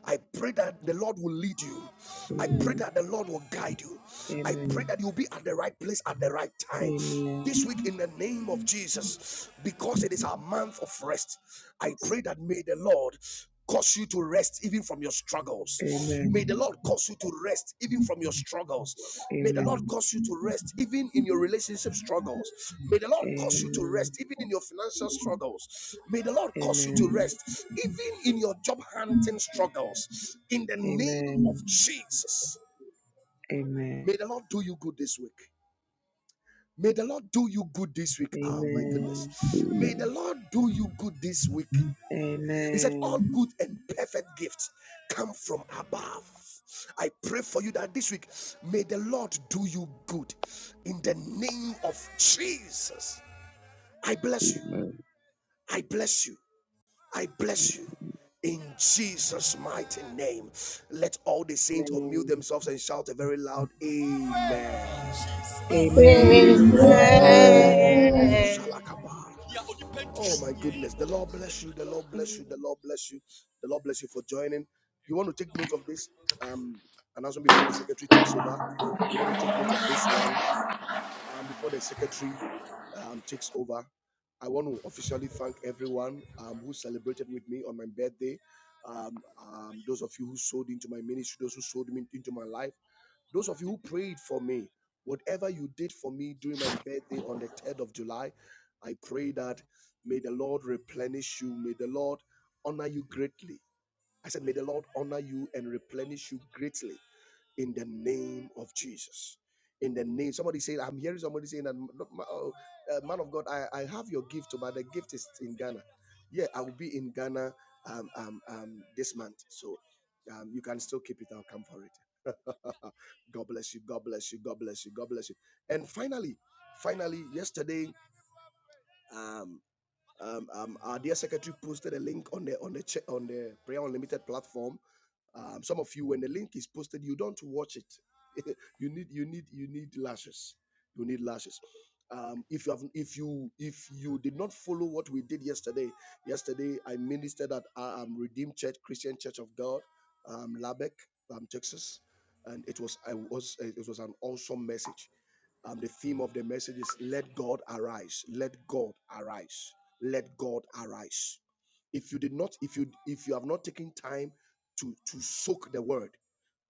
[SPEAKER 1] I pray that the Lord will lead you. I pray
[SPEAKER 3] Amen.
[SPEAKER 1] that the Lord will guide you. I pray
[SPEAKER 3] Amen.
[SPEAKER 1] that you'll be at the right place at the right time. This week, in the name of Jesus, because it is our month of rest, I pray that may the Lord cause you to rest even from your struggles. May the Lord cause you to rest even from your struggles.
[SPEAKER 3] Amen.
[SPEAKER 1] May the Lord cause
[SPEAKER 3] Amen.
[SPEAKER 1] you to rest even in your relationship struggles. May the Lord cause you to rest even in your financial struggles. May the Lord
[SPEAKER 3] Amen.
[SPEAKER 1] cause you to
[SPEAKER 3] Amen.
[SPEAKER 1] rest even in your job hunting struggles. In the name
[SPEAKER 3] Amen.
[SPEAKER 1] of Jesus.
[SPEAKER 3] Amen.
[SPEAKER 1] May the Lord do you good this week. May the Lord do you good this week. Oh my
[SPEAKER 3] Amen.
[SPEAKER 1] goodness. May the
[SPEAKER 4] Amen.
[SPEAKER 1] Lord do you good this week. He said,
[SPEAKER 3] Amen.
[SPEAKER 1] All good and perfect gifts come from above. I pray for you that this week may the Lord do you good in the name of Jesus. I bless you. I bless you. I bless you. In Jesus' mighty name, let all the saints unmute
[SPEAKER 3] Amen.
[SPEAKER 1] themselves and shout a very loud Amen.
[SPEAKER 4] Amen.
[SPEAKER 5] Amen.
[SPEAKER 6] Amen.
[SPEAKER 3] Amen.
[SPEAKER 2] Amen.
[SPEAKER 4] Amen.
[SPEAKER 1] Oh my goodness. The Lord bless you. The Lord bless you. The
[SPEAKER 7] you.
[SPEAKER 1] Lord bless you. The Lord bless you for joining. You want to take note of this um, announcement before the secretary takes over. You want to take note of this one um, before the secretary um, takes over, I want to officially thank everyone um, who celebrated with me on my birthday. Um, um, those of you who sold into my ministry, those who sold me into my life, those of you who prayed for me, whatever you did for me during my birthday on the 3rd of July, I pray that may the Lord replenish you, may the Lord honor you greatly. I said, may the Lord honor you and replenish you greatly in the name of Jesus. In the name, somebody said, I'm hearing somebody saying that oh, uh, man of God, I, I have your gift, oh, but the gift is in Ghana. Yeah, I will be in Ghana um, um, um, this month. So um, you can still keep it. I'll come for it. *laughs* God bless you. God bless you. God bless you. God bless you. And finally, finally, yesterday, um, um, um, our dear secretary posted a link on the on the che- on the Prayer Unlimited platform. Um, some of you, when the link is posted, you don't watch it. *laughs* you need you need you need lashes. You need lashes. Um, if you have if you if you did not follow what we did yesterday, yesterday I ministered at uh, um, Redeemed Church Christian Church of God, um, Lubbock, um, Texas, and it was I was it was an awesome message um, the theme of the message is let God arise. Let God arise let God arise. If you did not, if you if you have not taken time to to soak the word,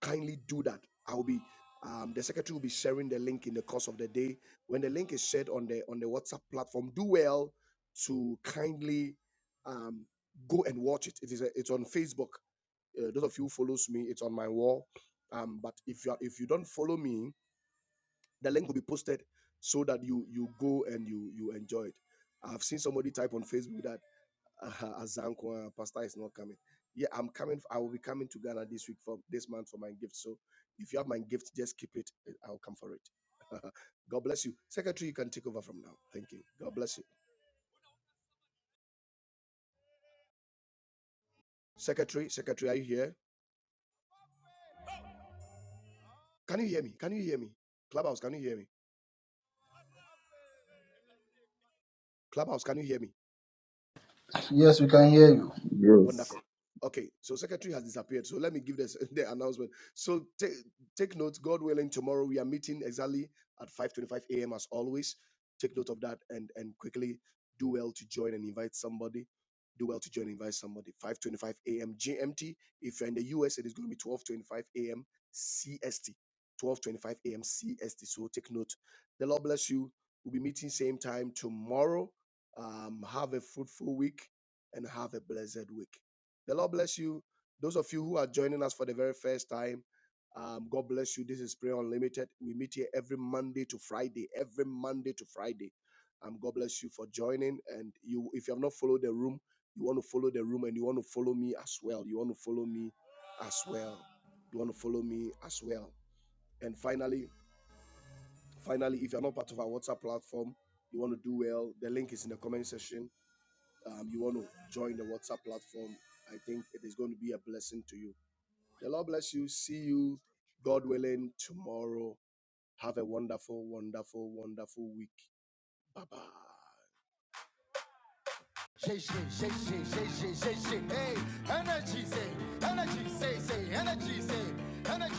[SPEAKER 1] kindly do that. I will be um, the secretary will be sharing the link in the course of the day. When the link is shared on the on the WhatsApp platform, do well to kindly um, go and watch it. It is a, it's on Facebook. Uh, those of you who follows me, it's on my wall. Um, but if you are, if you don't follow me, the link will be posted so that you you go and you you enjoy it. I've seen somebody type on Facebook that. *laughs* uh, Azankwa, Pastor is not coming. Yeah, I'm coming. I will be coming to Ghana this week for this month for my gift. So if you have my gift, just keep it. eh, I'll come for it. *laughs* God bless you. Secretary, you can take over from now. Thank you. God bless you. Secretary, Secretary, are you here? Can you hear me? Can you hear me? Clubhouse, can you hear me? Clubhouse, can you hear me?
[SPEAKER 5] Yes, we can hear you.
[SPEAKER 4] Yes.
[SPEAKER 1] Wonderful. Okay, so secretary has disappeared. So let me give this *laughs* the announcement. So take take note. God willing, tomorrow we are meeting exactly at five twenty five a.m. as always. Take note of that and and quickly do well to join and invite somebody. Do well to join and invite somebody. Five twenty five a.m. GMT. If you're in the US, it is going to be twelve twenty five a.m. CST. Twelve twenty five a.m. CST. So take note. The Lord bless you. We'll be meeting same time tomorrow. Um, have a fruitful week and have a blessed week. The Lord bless you. Those of you who are joining us for the very first time, um, God bless you. This is Prayer Unlimited. We meet here every Monday to Friday. Every Monday to Friday. Um, God bless you for joining. And you, if you have not followed the room, you want to follow the room, and you want to follow me as well. You want to follow me as well. You want to follow me as well. And finally, finally, if you're not part of our WhatsApp platform, you want to do well. The link is in the comment section um, you want to join the WhatsApp platform, I think it is going to be a blessing to you. The Lord bless you. See you, God willing, tomorrow. Have a wonderful, wonderful, wonderful week. Bye bye. Shake, shake, shake, shake, shake, shake, shake, shake. Hey, energy, say, energy, say, say, energy, say, energy.